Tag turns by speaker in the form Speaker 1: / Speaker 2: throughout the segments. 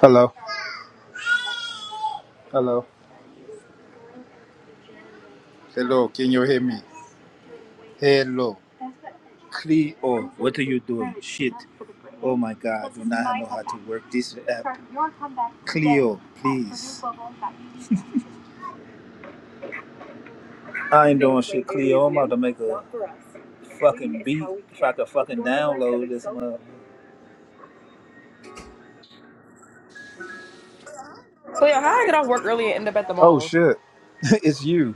Speaker 1: Hello. Hello. Hello. Can you hear me? Hello. Cleo, what are you doing? Shit. Oh my god, do not know how to work this app. Cleo, please. I ain't doing shit, Cleo. I'm about to make a fucking beat if I could fucking download this mother.
Speaker 2: So yeah, how I get off work early and end up at the
Speaker 1: Oh
Speaker 2: mall?
Speaker 1: shit. it's you.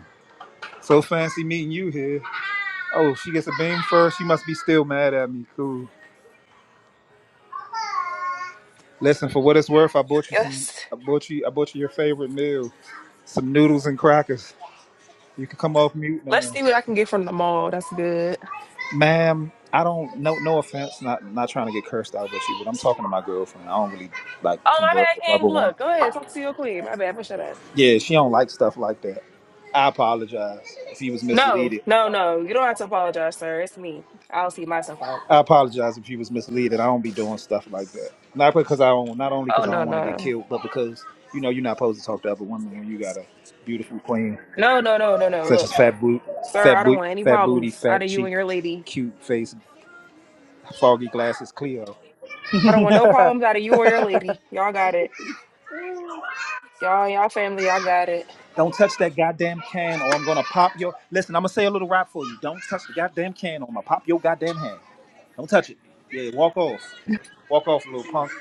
Speaker 1: So fancy meeting you here. Oh, she gets a beam first. She must be still mad at me. Cool. Listen, for what it's worth, I bought you some.
Speaker 2: Yes.
Speaker 1: I bought you. I bought you your favorite meal. some noodles and crackers. You can come off mute
Speaker 2: Let's
Speaker 1: now,
Speaker 2: see what I can get from the mall. That's good.
Speaker 1: ma'am. I don't no no offense, not not trying to get cursed out with you, but I'm talking to my girlfriend. I don't really like
Speaker 2: Oh
Speaker 1: converse with
Speaker 2: my
Speaker 1: other
Speaker 2: bad, King.
Speaker 1: women.
Speaker 2: Look, go ahead. Talk to your queen. My bad. Push that up.
Speaker 1: Yeah, she don't like stuff like that. I apologize if you was
Speaker 2: No,
Speaker 1: misleaded.
Speaker 2: no, no. You don't have to apologize, sir. It's me. I'll see myself out.
Speaker 1: I apologize if you was misleaded. I don't be doing stuff like that. Not because I don't, not only
Speaker 2: Oh
Speaker 1: because I
Speaker 2: no,
Speaker 1: don't want to
Speaker 2: no,
Speaker 1: get
Speaker 2: no.
Speaker 1: killed, but because you know you're not supposed to talk to other women when you got a beautiful queen
Speaker 2: No, no, no, no, no.
Speaker 1: such
Speaker 2: Look,
Speaker 1: as fat boot,
Speaker 2: sir, I
Speaker 1: fat
Speaker 2: don't
Speaker 1: boot,
Speaker 2: want any
Speaker 1: fat booty,
Speaker 2: problems out
Speaker 1: fat
Speaker 2: of you
Speaker 1: cheek,
Speaker 2: and your lady.
Speaker 1: cute face, foggy glasses, Cleo.
Speaker 2: I don't want no problems out of you or your lady. Y'all got it. Y'all, y'all family, y'all got it.
Speaker 1: Don't touch that goddamn can, or I'm gonna pop your. Listen, I'm gonna say a little rap for you. Don't touch the goddamn can, or I'm gonna pop your goddamn hand. Don't touch it. Yeah, walk off. Walk off, little punk.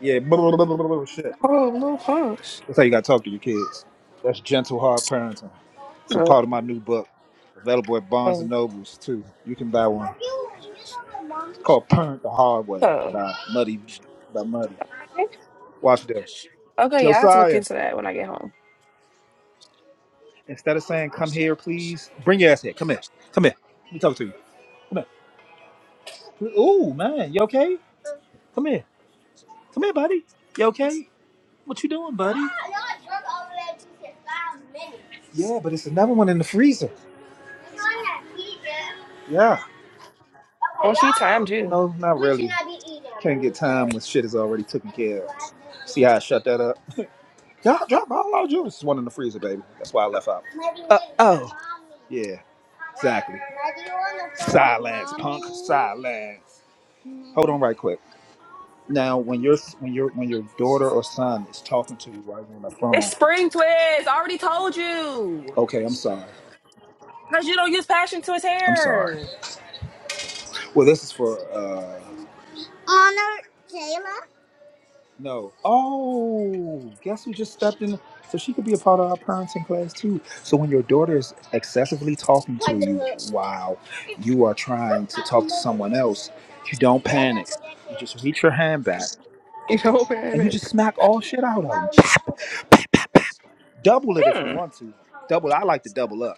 Speaker 1: Yeah, shit.
Speaker 2: Oh, little punch.
Speaker 1: That's how you gotta talk to your kids. That's gentle, hard parenting. It's a part of my new book, available at Barnes and
Speaker 2: Oh,
Speaker 1: Nobles too. You can buy one. It's called Parent the Hard Way
Speaker 2: oh.
Speaker 1: by Muddy by Muddy.
Speaker 2: Okay,
Speaker 1: Watch this.
Speaker 2: Okay, yeah, I have to look
Speaker 1: Josiah.
Speaker 2: into that when I get home.
Speaker 1: Instead of saying, come here, please, bring your ass here. Come here. Come here. Let me talk to you. Come here. Ooh, man. You okay? Come here. Come here, buddy. You okay? What you doing, buddy? Ah, y'all drunk over there juice in five minutes. Yeah, but it's another one in the freezer. You want that pizza? Yeah.
Speaker 2: Oh,
Speaker 1: Okay,
Speaker 2: she timed
Speaker 1: y'all.
Speaker 2: you.
Speaker 1: No, not we really. Should not be eating. Can't get time when shit is already taken care of. See how I shut that up? Y'all drop all our juice. It's one in the freezer, baby. That's why I left out. Uh, oh. Yeah, exactly. Silence, punk. Silence. Hold on, right quick. Now, when your when your when your daughter or son is talking to you right on the
Speaker 2: It's
Speaker 1: phone,
Speaker 2: spring twist. I already told you.
Speaker 1: okay, I'm sorry.
Speaker 2: Because you don't use passion twist
Speaker 1: I'm sorry.
Speaker 2: hair.
Speaker 1: Well, this is for uh, Honor Jayla. No. Oh, guess who just stepped in? So she could be a part of our parenting class too. So when your daughter is excessively talking to you while you are trying to talk to someone else, you don't panic. You just reach your hand back
Speaker 2: You don't
Speaker 1: and you
Speaker 2: panic.
Speaker 1: just smack all shit out of them. Double it if you
Speaker 2: Hmm.
Speaker 1: want to. Double. I like to double up.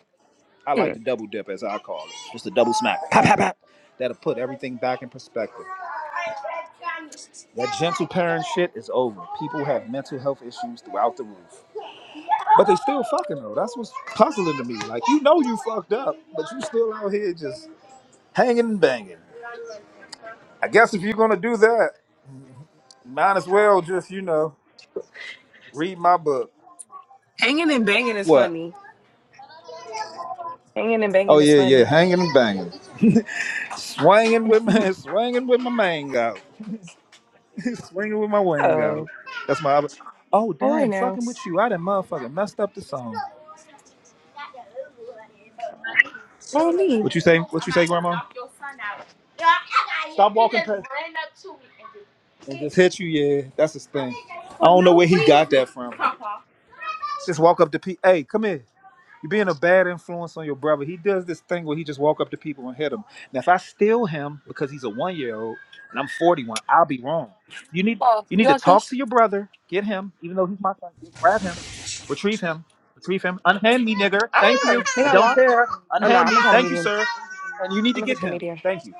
Speaker 1: I
Speaker 2: hmm.
Speaker 1: like to double dip, as I call it, just a double smack. Pop, pop, pop. That'll put everything back in perspective. That gentle parent shit is over. People have mental health issues throughout the roof, but they still fucking though. That's what's puzzling to me. Like you know you fucked up, but you still out here just hanging and banging. I guess if you're gonna do that, might as well just you know read my book.
Speaker 2: Hanging and banging is
Speaker 1: What?
Speaker 2: funny. Hanging and banging
Speaker 1: Oh
Speaker 2: is
Speaker 1: yeah, yeah,
Speaker 2: funny.
Speaker 1: hanging and banging, swanging with my swanging with my mango. Swinging with my wing out.
Speaker 2: oh,
Speaker 1: That's my other. Oh
Speaker 2: all right
Speaker 1: damn,
Speaker 2: now.
Speaker 1: fucking with you. I done motherfucking messed up the song.
Speaker 2: All me.
Speaker 1: What you say? What you say, Grandma? Stop walking past. And just hit you, yeah. That's his thing. I don't know where he got that from. Just walk up to P. Hey, come here. You're being a bad influence on your brother. He does this thing where he just walk up to people and hit them. Now, if I steal him because he's a one year old and I'm 41, I'll be wrong. You need
Speaker 2: Well,
Speaker 1: you need
Speaker 2: you
Speaker 1: to
Speaker 2: like
Speaker 1: talk
Speaker 2: this?
Speaker 1: to your brother, get him, even though he's my son. Get, grab him, retrieve him, retrieve him. Unhand me, nigger.
Speaker 2: I
Speaker 1: Thank
Speaker 2: don't
Speaker 1: you.
Speaker 2: know. They
Speaker 1: I
Speaker 2: got a
Speaker 1: don't
Speaker 2: lot.
Speaker 1: care.
Speaker 2: Oh no, I'm
Speaker 1: Unhand me.
Speaker 2: gonna try the
Speaker 1: Thank you,
Speaker 2: medium.
Speaker 1: sir. And you need
Speaker 2: I'm
Speaker 1: to
Speaker 2: gonna
Speaker 1: get
Speaker 2: get the
Speaker 1: him.
Speaker 2: medium.
Speaker 1: Thank you.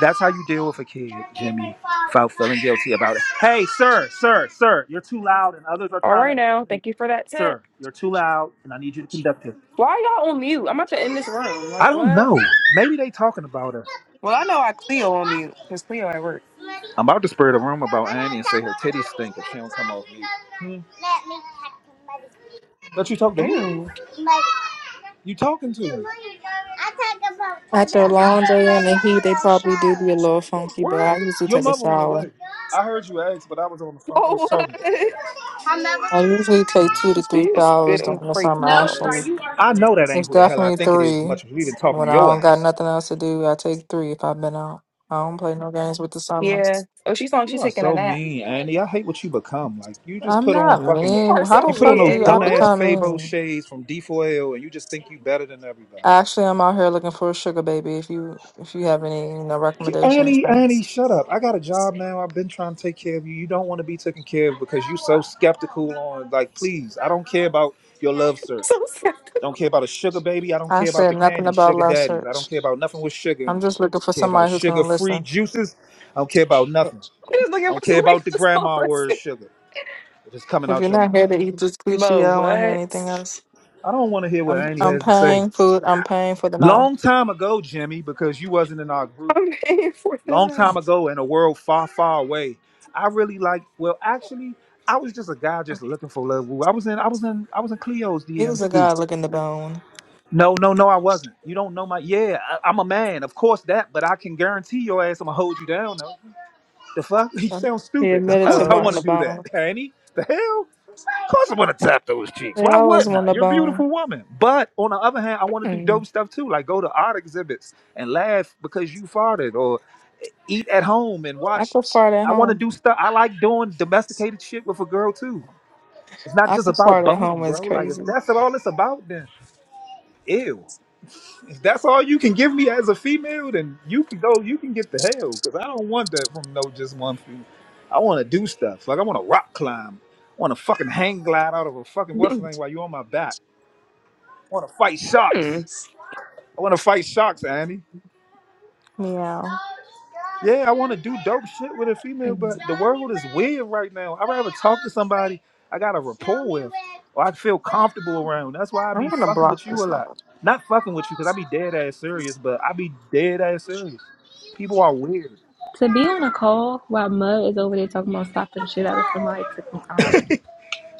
Speaker 1: That's how you deal with a kid, Jimmy, without feeling guilty about it. Hey, sir, sir, sir, you're too loud, and others are
Speaker 2: All
Speaker 1: trying
Speaker 2: right
Speaker 1: to.
Speaker 2: now. Thank you for that tip.
Speaker 1: Sir, you're too loud, and I need you to conduct it.
Speaker 2: Why y'all on mute? I'm about to end this room. Like
Speaker 1: I don't
Speaker 2: what?
Speaker 1: know. Maybe they talking about her.
Speaker 2: Well, I know I Cleo on mute because Cleo at work.
Speaker 1: I'm about to spur the room about Annie and say her titties stink if she don't come off mute. Hmm. But you talk to who?
Speaker 2: Ew.
Speaker 1: You talking to? her? I talk about to the
Speaker 3: After a long
Speaker 1: other
Speaker 3: day in
Speaker 1: money
Speaker 3: the
Speaker 1: on
Speaker 3: heat, they
Speaker 1: your
Speaker 3: probably do be a little
Speaker 1: phone.
Speaker 3: funky, but
Speaker 1: What?
Speaker 3: I usually
Speaker 1: Your
Speaker 3: take a
Speaker 1: mother on the
Speaker 3: shower.
Speaker 1: way. I heard you ask, but I was on the phone. I was
Speaker 2: Oh
Speaker 1: talking.
Speaker 2: what?
Speaker 1: My
Speaker 3: I usually take two to
Speaker 2: She
Speaker 3: three
Speaker 1: mother.
Speaker 2: is good
Speaker 3: showers
Speaker 2: and
Speaker 3: during the
Speaker 2: crazy,
Speaker 3: summer,
Speaker 2: y'all.
Speaker 3: actually.
Speaker 1: I know that ain't
Speaker 3: It's
Speaker 1: who the hell I
Speaker 3: definitely
Speaker 1: think it is as
Speaker 3: three.
Speaker 1: much as we've been talking
Speaker 3: When
Speaker 1: to
Speaker 3: I
Speaker 1: your
Speaker 3: don't got
Speaker 1: ass.
Speaker 3: nothing else to do, I take three if I've been out. I don't play no games with the
Speaker 2: Yeah.
Speaker 3: summers.
Speaker 2: Oh, she's on.
Speaker 1: You
Speaker 2: She's
Speaker 1: are
Speaker 2: taking a
Speaker 1: so
Speaker 2: nap.
Speaker 1: mean, Andy. I hate what you become. Like you just
Speaker 3: I'm
Speaker 1: put on
Speaker 3: not
Speaker 2: You
Speaker 1: fucking
Speaker 3: mean.
Speaker 2: are
Speaker 3: How
Speaker 2: so
Speaker 3: the
Speaker 1: you put on
Speaker 3: fuck
Speaker 2: weird,
Speaker 1: those
Speaker 3: do
Speaker 2: Eddie.
Speaker 3: I
Speaker 1: dumbass
Speaker 2: What?
Speaker 3: become
Speaker 1: Fabo
Speaker 3: mean?
Speaker 1: shades from D4L and you just think you better than everybody.
Speaker 3: Actually, I'm out here looking for a sugar baby. If you if you have any you know,
Speaker 1: K-
Speaker 3: recommendations,
Speaker 1: Annie, Annie,
Speaker 3: thanks.
Speaker 1: shut up. I got a job now. I've been trying to take care of you. You don't want to be taken care of because you so skeptical on like please, I don't care about your love
Speaker 2: So
Speaker 1: search.
Speaker 2: sad.
Speaker 1: Don't care about a sugar baby. I don't
Speaker 3: I
Speaker 1: care about the
Speaker 3: said nothing
Speaker 1: candy,
Speaker 3: about
Speaker 1: sugar
Speaker 3: love
Speaker 1: daddies. I
Speaker 3: search.
Speaker 1: don't care about nothing with sugar in
Speaker 3: I'm
Speaker 1: it.
Speaker 3: just looking for
Speaker 1: I care about
Speaker 3: somebody who's
Speaker 1: sugar
Speaker 3: gonna
Speaker 1: free
Speaker 3: listen.
Speaker 1: juices. I don't care about nothing.
Speaker 2: I'm just
Speaker 1: I
Speaker 2: looking for
Speaker 1: don't care
Speaker 2: some
Speaker 1: about the
Speaker 2: reckless
Speaker 1: grandma word
Speaker 2: conversation.
Speaker 1: sugar. If it's coming
Speaker 3: If
Speaker 1: out
Speaker 3: you're
Speaker 1: your
Speaker 3: not
Speaker 1: mouth.
Speaker 3: here to eat this Gucci,
Speaker 2: Mo,
Speaker 3: I don't want to hear
Speaker 2: what?
Speaker 3: anything else.
Speaker 1: I don't want to hear what
Speaker 3: I'm
Speaker 1: Andy
Speaker 3: I'm
Speaker 1: has to say.
Speaker 3: paying food. I'm paying for the mouth.
Speaker 1: Long time ago, Jimmy, because you wasn't in our group,
Speaker 2: I'm paying for the
Speaker 1: long time
Speaker 2: house.
Speaker 1: ago in a world far, far away, I really like well actually I was just a guy just looking for love. I was in I was in I was in Cleo's
Speaker 3: He was
Speaker 1: DMs
Speaker 3: a
Speaker 1: too.
Speaker 3: guy looking the bone.
Speaker 1: No, no, no, I wasn't. You don't know my yeah, I, I'm a man, of course that, but I can guarantee your ass I'm gonna hold you down though. The fuck? You sound
Speaker 3: He
Speaker 1: stupid. Of
Speaker 3: admitted to
Speaker 1: course I
Speaker 2: Oh.
Speaker 3: wanting
Speaker 1: wanna
Speaker 3: the
Speaker 1: do that,
Speaker 3: bone.
Speaker 1: Annie. The hell? Of course, I want to tap those cheeks.
Speaker 3: They
Speaker 1: Why
Speaker 3: always
Speaker 1: wouldn't I?
Speaker 3: want the
Speaker 1: You're a
Speaker 3: bone.
Speaker 1: beautiful woman. But on the other hand, I want to do
Speaker 2: Hmm.
Speaker 1: dope stuff too, like go to art exhibits and laugh because you farted, or eat at home and
Speaker 3: I
Speaker 1: watch.
Speaker 3: could fart at
Speaker 1: I want to
Speaker 3: home.
Speaker 1: do stuff. I like doing domesticated shit with a girl too. It's not
Speaker 3: I
Speaker 1: just
Speaker 3: could
Speaker 1: about
Speaker 3: fart at home
Speaker 1: boning,
Speaker 3: is
Speaker 1: bro. Like if
Speaker 3: crazy.
Speaker 1: that's all it's about, then ew. If that's all you can give me as a female, then you can go. You can get the hell because I don't want that from no just one female. I want to do stuff like I want to rock climb. I want to fucking hang glide out of a fucking what's the name while you on my back. I want to fight
Speaker 2: Hmm.
Speaker 1: sharks. I want to fight sharks, Annie.
Speaker 3: Meow.
Speaker 1: Yeah, I want to do dope shit with a
Speaker 2: Uh,
Speaker 1: female, but the world is weird right now. I'd rather talk to somebody I got a rapport with or I feel comfortable around. That's why I be
Speaker 3: I'm gonna
Speaker 1: fucking
Speaker 3: block
Speaker 1: with you a
Speaker 3: this
Speaker 1: lot.
Speaker 3: number.
Speaker 1: Not fucking with you because I be dead ass serious, but I be dead ass serious. People are weird.
Speaker 4: To be on a call while Mud is over there talking about stopping shit out of somebody took me out.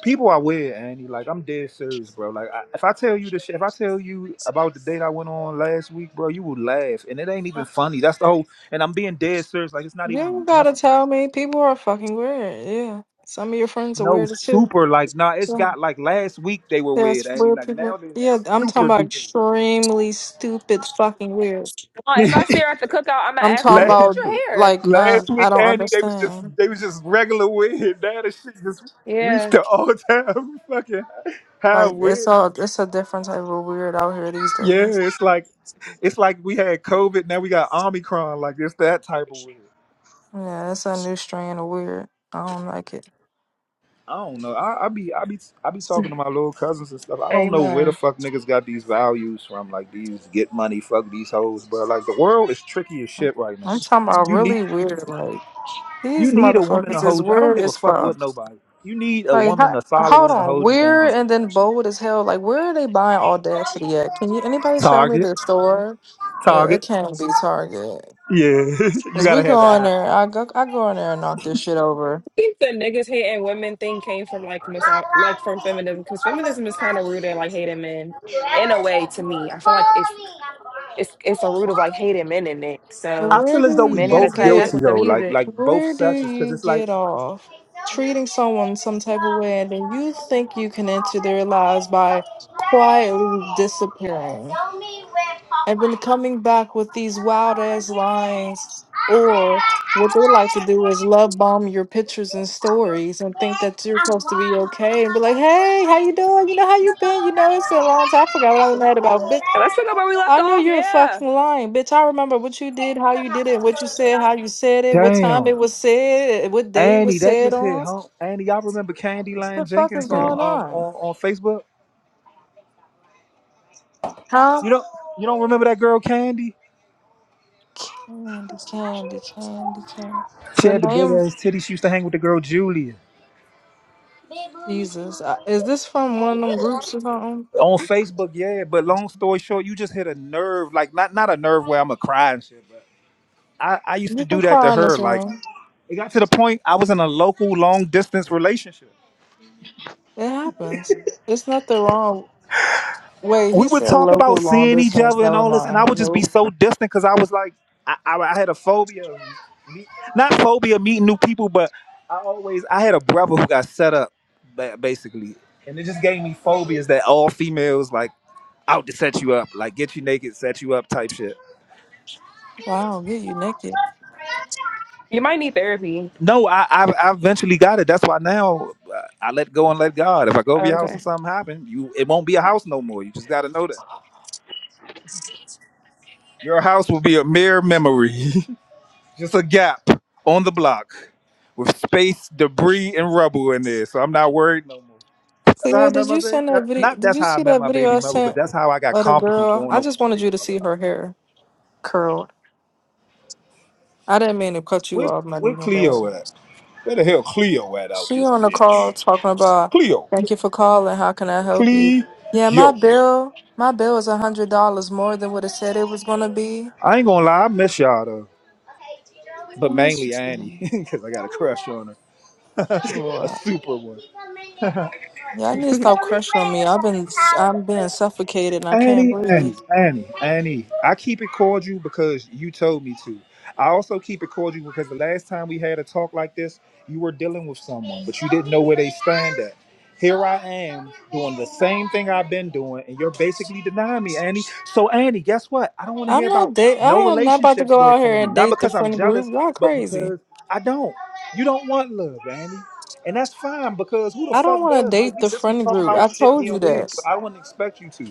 Speaker 1: People are weird, Annie. Like I'm dead serious, bro. Like I, if I tell you the shit, if I tell you about the date I went on last week, bro, you will laugh, and it ain't even funny. That's the whole. And I'm being dead serious. Like it's not
Speaker 3: You
Speaker 1: even
Speaker 3: don't
Speaker 1: nothing.
Speaker 3: gotta tell me. People are fucking weird. Yeah. Some of your friends are
Speaker 1: no
Speaker 3: weird too.
Speaker 1: super like nah it's
Speaker 3: Yeah.
Speaker 1: got like last week they were with
Speaker 3: There's
Speaker 1: Andy
Speaker 3: weird
Speaker 1: like now
Speaker 3: people.
Speaker 1: they're
Speaker 3: Yeah, I'm talking
Speaker 1: super
Speaker 3: about
Speaker 1: duper
Speaker 3: extremely stupid fucking weird.
Speaker 2: if I see her at the cookout, I'm gonna
Speaker 3: I'm
Speaker 2: ask her,
Speaker 3: talking
Speaker 2: "Who
Speaker 1: last,
Speaker 2: did
Speaker 3: about
Speaker 2: your hair?"
Speaker 3: like uh,
Speaker 1: last
Speaker 3: I
Speaker 1: week
Speaker 3: don't
Speaker 1: Andy they was just
Speaker 3: understand.
Speaker 1: they was just regular with now the shit just reached
Speaker 2: Yeah,
Speaker 1: the all time fucking high
Speaker 3: Like it's
Speaker 1: with
Speaker 3: all it's a different type of weird out here these
Speaker 1: yeah
Speaker 3: days.
Speaker 1: it's like it's like we had COVID now we got Omicron like it's that type of weird
Speaker 3: Yeah, it's a new strain of weird. I don't like it.
Speaker 1: I don't know. I, I be I be I be talking to my little cousins and stuff. I don't know where the
Speaker 2: amen.
Speaker 1: fuck niggas got these values from. Like these get money, fuck these hoes, bro. Like the world is tricky as shit right now.
Speaker 3: I'm talking about
Speaker 1: You need
Speaker 3: really weird. Like
Speaker 1: you
Speaker 3: these
Speaker 1: need a woman to
Speaker 3: motherfuckers is
Speaker 1: hold you. I don't
Speaker 3: weird
Speaker 1: give a
Speaker 3: as
Speaker 1: fuck
Speaker 3: fuck.
Speaker 1: what nobody. You need a
Speaker 3: Like
Speaker 1: woman,
Speaker 3: ho-
Speaker 1: a solid
Speaker 3: hold
Speaker 1: woman to
Speaker 3: on,
Speaker 1: hold you
Speaker 3: weird
Speaker 1: down.
Speaker 3: and then bold as hell. Like where are they buying audacity at? Can you anybody tell me
Speaker 1: Target,
Speaker 3: the store? It, it
Speaker 1: target.
Speaker 3: can't be Target.
Speaker 1: Yeah, you
Speaker 3: Cause
Speaker 1: gotta
Speaker 3: we
Speaker 1: have
Speaker 3: go in
Speaker 1: the
Speaker 3: there. I go I go in there and knock this shit over.
Speaker 2: I think the niggas hating women thing came from like miso- like from feminism because feminism is kind of rooted in
Speaker 1: eye.
Speaker 2: like hating men
Speaker 1: I
Speaker 2: in a way to me. I feel like it's it's it's a root of like hating men in it. So
Speaker 3: Where
Speaker 1: feel as
Speaker 3: do
Speaker 1: though we
Speaker 2: men had
Speaker 3: you
Speaker 2: to
Speaker 1: both
Speaker 2: clap
Speaker 3: get?
Speaker 2: back
Speaker 1: guilty
Speaker 2: with the
Speaker 1: though, like
Speaker 2: music.
Speaker 1: like both
Speaker 3: Where do
Speaker 1: sexes, because
Speaker 3: you
Speaker 1: it's like
Speaker 3: get off treating someone some type of way and then you think you can enter their lives by quietly disappearing and then coming back with these wild ass lines? Or what they like to do is love bomb your pictures and stories and think that you're supposed to be okay and be like, hey, how you doing? You know how you been? You know, it's been a long time. I forgot what I was mad about. bitch."
Speaker 2: And let's pick up where we
Speaker 3: I
Speaker 2: left
Speaker 3: know
Speaker 2: off.
Speaker 3: you're a
Speaker 2: Yeah,
Speaker 3: fucking lying, bitch. I remember what you did, how you did it, what you said, how you said it, what time
Speaker 1: Damn.
Speaker 3: it was said, what day it
Speaker 1: Annie,
Speaker 3: was
Speaker 1: that
Speaker 3: said
Speaker 1: just hit
Speaker 3: on.
Speaker 1: home. Annie, y'all remember Candy Line
Speaker 3: The fuck is
Speaker 1: Jenkins on
Speaker 2: Hmm.
Speaker 3: going
Speaker 1: um
Speaker 3: on?
Speaker 1: on, on Facebook?
Speaker 3: Huh?
Speaker 1: You don't you don't remember that girl Candy?
Speaker 3: Candy, candy, candy, candy.
Speaker 1: She
Speaker 3: Your
Speaker 1: had the big
Speaker 3: name,
Speaker 1: ass titty. She used to hang with the girl Julia.
Speaker 3: Jesus. Uh, Is this from one of them groups or something?
Speaker 1: on Facebook, yeah. But long story short, you just hit a nerve, like not not a nerve where I'm a cry and shit, but I, I used to
Speaker 3: You
Speaker 1: do
Speaker 3: can
Speaker 1: that to
Speaker 3: cry in
Speaker 1: her.
Speaker 3: this
Speaker 1: Like
Speaker 3: room.
Speaker 1: it got to the point I was in a local long distance relationship.
Speaker 3: It happens. It's nothing wrong. Wait, he
Speaker 1: We would
Speaker 3: said
Speaker 1: talk
Speaker 3: local
Speaker 1: about
Speaker 3: long
Speaker 1: seeing each
Speaker 3: distance.
Speaker 1: other and
Speaker 3: Never
Speaker 1: all this, and I
Speaker 3: mind.
Speaker 1: would just be
Speaker 3: Nope.
Speaker 1: so distant because I was like, I, I, I had a phobia, of meet, not phobia of meeting new people, but I always I had a brother who got set up, ba- basically, and it just gave me phobias that all females like. out to set you up, like get you naked, set you up type shit.
Speaker 3: Wow, get you naked.
Speaker 2: You might need therapy.
Speaker 1: No, I, I I eventually got it. That's why now uh, I let go and let God. If I go
Speaker 2: Oh,
Speaker 1: over your house and
Speaker 2: okay.
Speaker 1: something happen, you it won't be a house no more. You just got to know that your house will be a mere memory, just a gap on the block with space, debris, and rubble in there. So I'm not worried no more. That's how I
Speaker 3: Cleo,
Speaker 1: met
Speaker 3: did
Speaker 1: my
Speaker 3: you
Speaker 1: baby.
Speaker 3: send that
Speaker 1: that-
Speaker 3: video?
Speaker 1: not
Speaker 3: Did
Speaker 1: that's
Speaker 3: you
Speaker 1: how I
Speaker 3: see
Speaker 1: met
Speaker 3: that
Speaker 1: my baby
Speaker 3: video I
Speaker 1: mother, but
Speaker 3: sent
Speaker 1: that's how I got
Speaker 3: of the
Speaker 1: comfortable
Speaker 3: girl?
Speaker 1: going
Speaker 3: I
Speaker 1: over
Speaker 3: just
Speaker 1: my
Speaker 3: wanted
Speaker 1: baby
Speaker 3: you to
Speaker 1: mother.
Speaker 3: see
Speaker 1: house.
Speaker 3: her hair curled. I didn't mean to cut you
Speaker 1: Where
Speaker 3: off, not
Speaker 1: where
Speaker 3: even, but
Speaker 1: Cleo at? Where the hell Cleo at out
Speaker 3: she
Speaker 1: this
Speaker 3: on the
Speaker 1: bitch?
Speaker 3: call talking about,
Speaker 1: Cleo.
Speaker 3: thank you for calling. How can I help you? Yeah, my
Speaker 1: Cleo.
Speaker 3: bill, my bill is a hundred dollars more than what it said it was gonna be.
Speaker 1: I ain't gonna lie, I miss y'all though. But
Speaker 3: I miss you
Speaker 1: mainly
Speaker 3: too.
Speaker 1: Annie, because I got a crush on her. a
Speaker 3: Lord.
Speaker 1: super one.
Speaker 3: Yeah, I need to
Speaker 2: Do
Speaker 3: stop crushing on me. I've been, I'm being suffocated and I can't
Speaker 1: Annie, Annie,
Speaker 3: breathe.
Speaker 1: Annie, Annie. I keep it cordial because you told me to. I also keep it cordial because the last time we had a talk like this, you were dealing with someone, but you didn't know where they stand at. Here I am doing the same thing I've been doing, and you're basically denying me, Annie. So, Annie, guess what? I don't want to
Speaker 3: I'm
Speaker 1: hear
Speaker 3: not
Speaker 1: about
Speaker 3: date.
Speaker 1: no
Speaker 3: I am not about to
Speaker 1: relationships
Speaker 3: go
Speaker 1: but
Speaker 3: out
Speaker 1: from
Speaker 3: here
Speaker 1: you.
Speaker 3: and
Speaker 1: Not
Speaker 3: date the
Speaker 1: because I'm
Speaker 3: friend
Speaker 1: jealous,
Speaker 3: group. Y'all
Speaker 1: but
Speaker 3: crazy.
Speaker 1: because I don't. You don't want love, Annie. And that's fine because who the
Speaker 3: I
Speaker 1: fuck
Speaker 3: don't want to
Speaker 1: does? Like
Speaker 3: date
Speaker 1: we
Speaker 3: the
Speaker 1: just was
Speaker 3: friend
Speaker 1: talking
Speaker 3: group. I
Speaker 1: about shit
Speaker 3: told you
Speaker 1: being weird.
Speaker 3: that.
Speaker 1: So I wouldn't expect you to.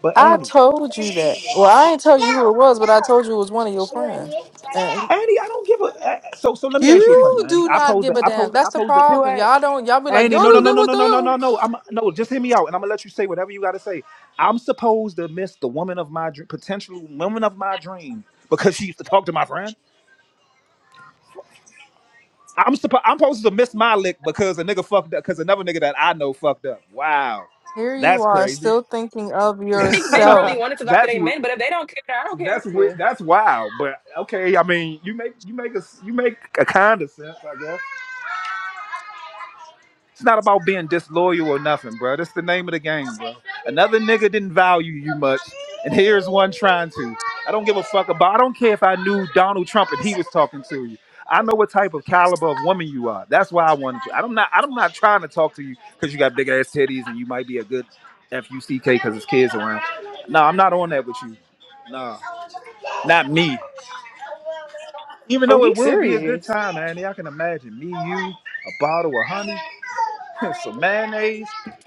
Speaker 1: But
Speaker 3: I
Speaker 1: Annie,
Speaker 3: told you
Speaker 1: Annie,
Speaker 3: that. Well, I ain't tell you who it was, but I told you it was one of your friends. And
Speaker 1: I don't give a. uh, So so let me ask you a question,
Speaker 3: you
Speaker 1: Annie.
Speaker 3: do
Speaker 1: I
Speaker 3: not
Speaker 1: pose that.
Speaker 3: give a
Speaker 1: I pose
Speaker 3: damn.
Speaker 1: that. I
Speaker 3: That's the
Speaker 1: pose that.
Speaker 3: problem.
Speaker 2: what?
Speaker 3: Y'all don't. Y'all be like,
Speaker 1: Annie,
Speaker 3: y'all
Speaker 1: no, no,
Speaker 3: don't
Speaker 1: no,
Speaker 3: give
Speaker 1: no,
Speaker 3: a
Speaker 1: no, no, no, no,
Speaker 3: damn.
Speaker 1: no. I'm no. Just hear me out, and I'm gonna let you say whatever you gotta say. I'm supposed to miss the woman of my dream, potential woman of my dream, because she used to talk to my friend. I'm supposed I'm supposed to miss my lick because a nigga fucked up because another nigga that I know fucked up. Wow,
Speaker 3: Here you
Speaker 1: that's
Speaker 3: are,
Speaker 1: crazy.
Speaker 3: still thinking of
Speaker 2: think men really
Speaker 3: yourself.
Speaker 2: wanted to go after
Speaker 1: that's
Speaker 2: their men, but if they don't care, then I don't care
Speaker 1: that's weird.
Speaker 2: either.
Speaker 1: That's wild. But okay, I mean, you make you make a you make a kind of sense, I guess. It's not about being disloyal or nothing, bro. That's the name of the game, bro. Another nigga didn't value you much, and here's one trying to. I don't give a fuck about. I don't care if I knew Donald Trump and he was talking to you. I know what type of caliber of woman you are. That's why I wanted you. I'm not. I'm not trying to talk to you because you got big ass titties and you might be a good fuck because there's kids around. No, I'm not on that with you. Nah, not me. Even
Speaker 2: Oh,
Speaker 1: though it
Speaker 2: he's
Speaker 1: would be a good
Speaker 2: serious.
Speaker 1: time, man. Y'all can imagine me, you, a bottle of honey, some mayonnaise.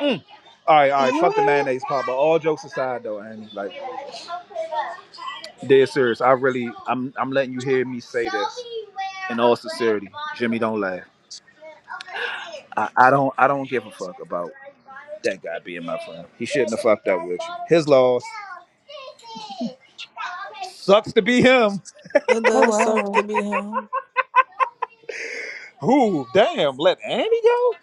Speaker 1: Mm. All right, all right. Fuck the
Speaker 2: what?
Speaker 1: mayonnaise part. But all jokes aside, though, Annie, like, dead serious. I really, I'm, I'm letting you hear me say this in all sincerity. Jimmy, don't laugh. I, I don't I don't give a fuck about that guy being my friend. He shouldn't have fucked up with you. His loss. Sucks to be him.
Speaker 3: It
Speaker 2: Oh
Speaker 3: does suck
Speaker 2: wow.
Speaker 3: to be him.
Speaker 1: Who? Damn. Let Annie go?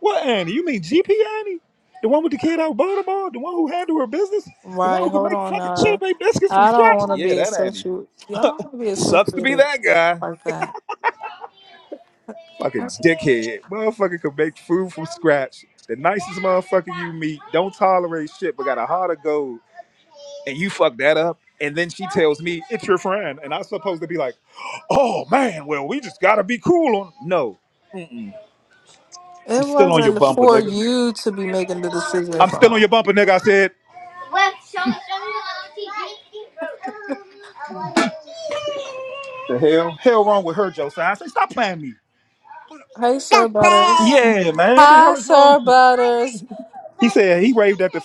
Speaker 1: What Annie? You mean GP Annie? The one with the kid out of Baltimore? The one who handled her business? The one
Speaker 3: Right.
Speaker 1: who could
Speaker 3: Hold
Speaker 1: make
Speaker 3: on.
Speaker 1: fucking chili
Speaker 3: Uh,
Speaker 1: baked biscuits from
Speaker 3: I don't
Speaker 1: scratch?
Speaker 3: want to
Speaker 1: Yeah,
Speaker 3: be
Speaker 1: that Annie.
Speaker 3: associated. Y'all don't want to be
Speaker 1: Sucks to be
Speaker 3: associated
Speaker 1: that guy.
Speaker 3: like that.
Speaker 1: Fucking
Speaker 3: That's-
Speaker 1: dickhead. Motherfucker could make food from scratch. The nicest motherfucker you meet. Don't tolerate shit, but got a heart of gold. And you fuck that up. And then she tells me, it's your friend. And I'm supposed to be like, oh man, well, we just gotta be cool on. No. Mm-mm. I'm
Speaker 3: It
Speaker 1: still on your
Speaker 3: wasn't
Speaker 1: bumper,
Speaker 3: for
Speaker 1: nigga.
Speaker 3: you to be making the decision
Speaker 1: I'm
Speaker 3: for
Speaker 1: still on
Speaker 3: him.
Speaker 1: your bumper, nigga. I said, the hell? Hell wrong with her, Josiah. I say, stop playing me.
Speaker 3: Hey, sir, butters.
Speaker 1: Yeah, man. The
Speaker 3: Hi,
Speaker 1: hell is wrong?
Speaker 3: sir, butters.
Speaker 1: He said he waved at the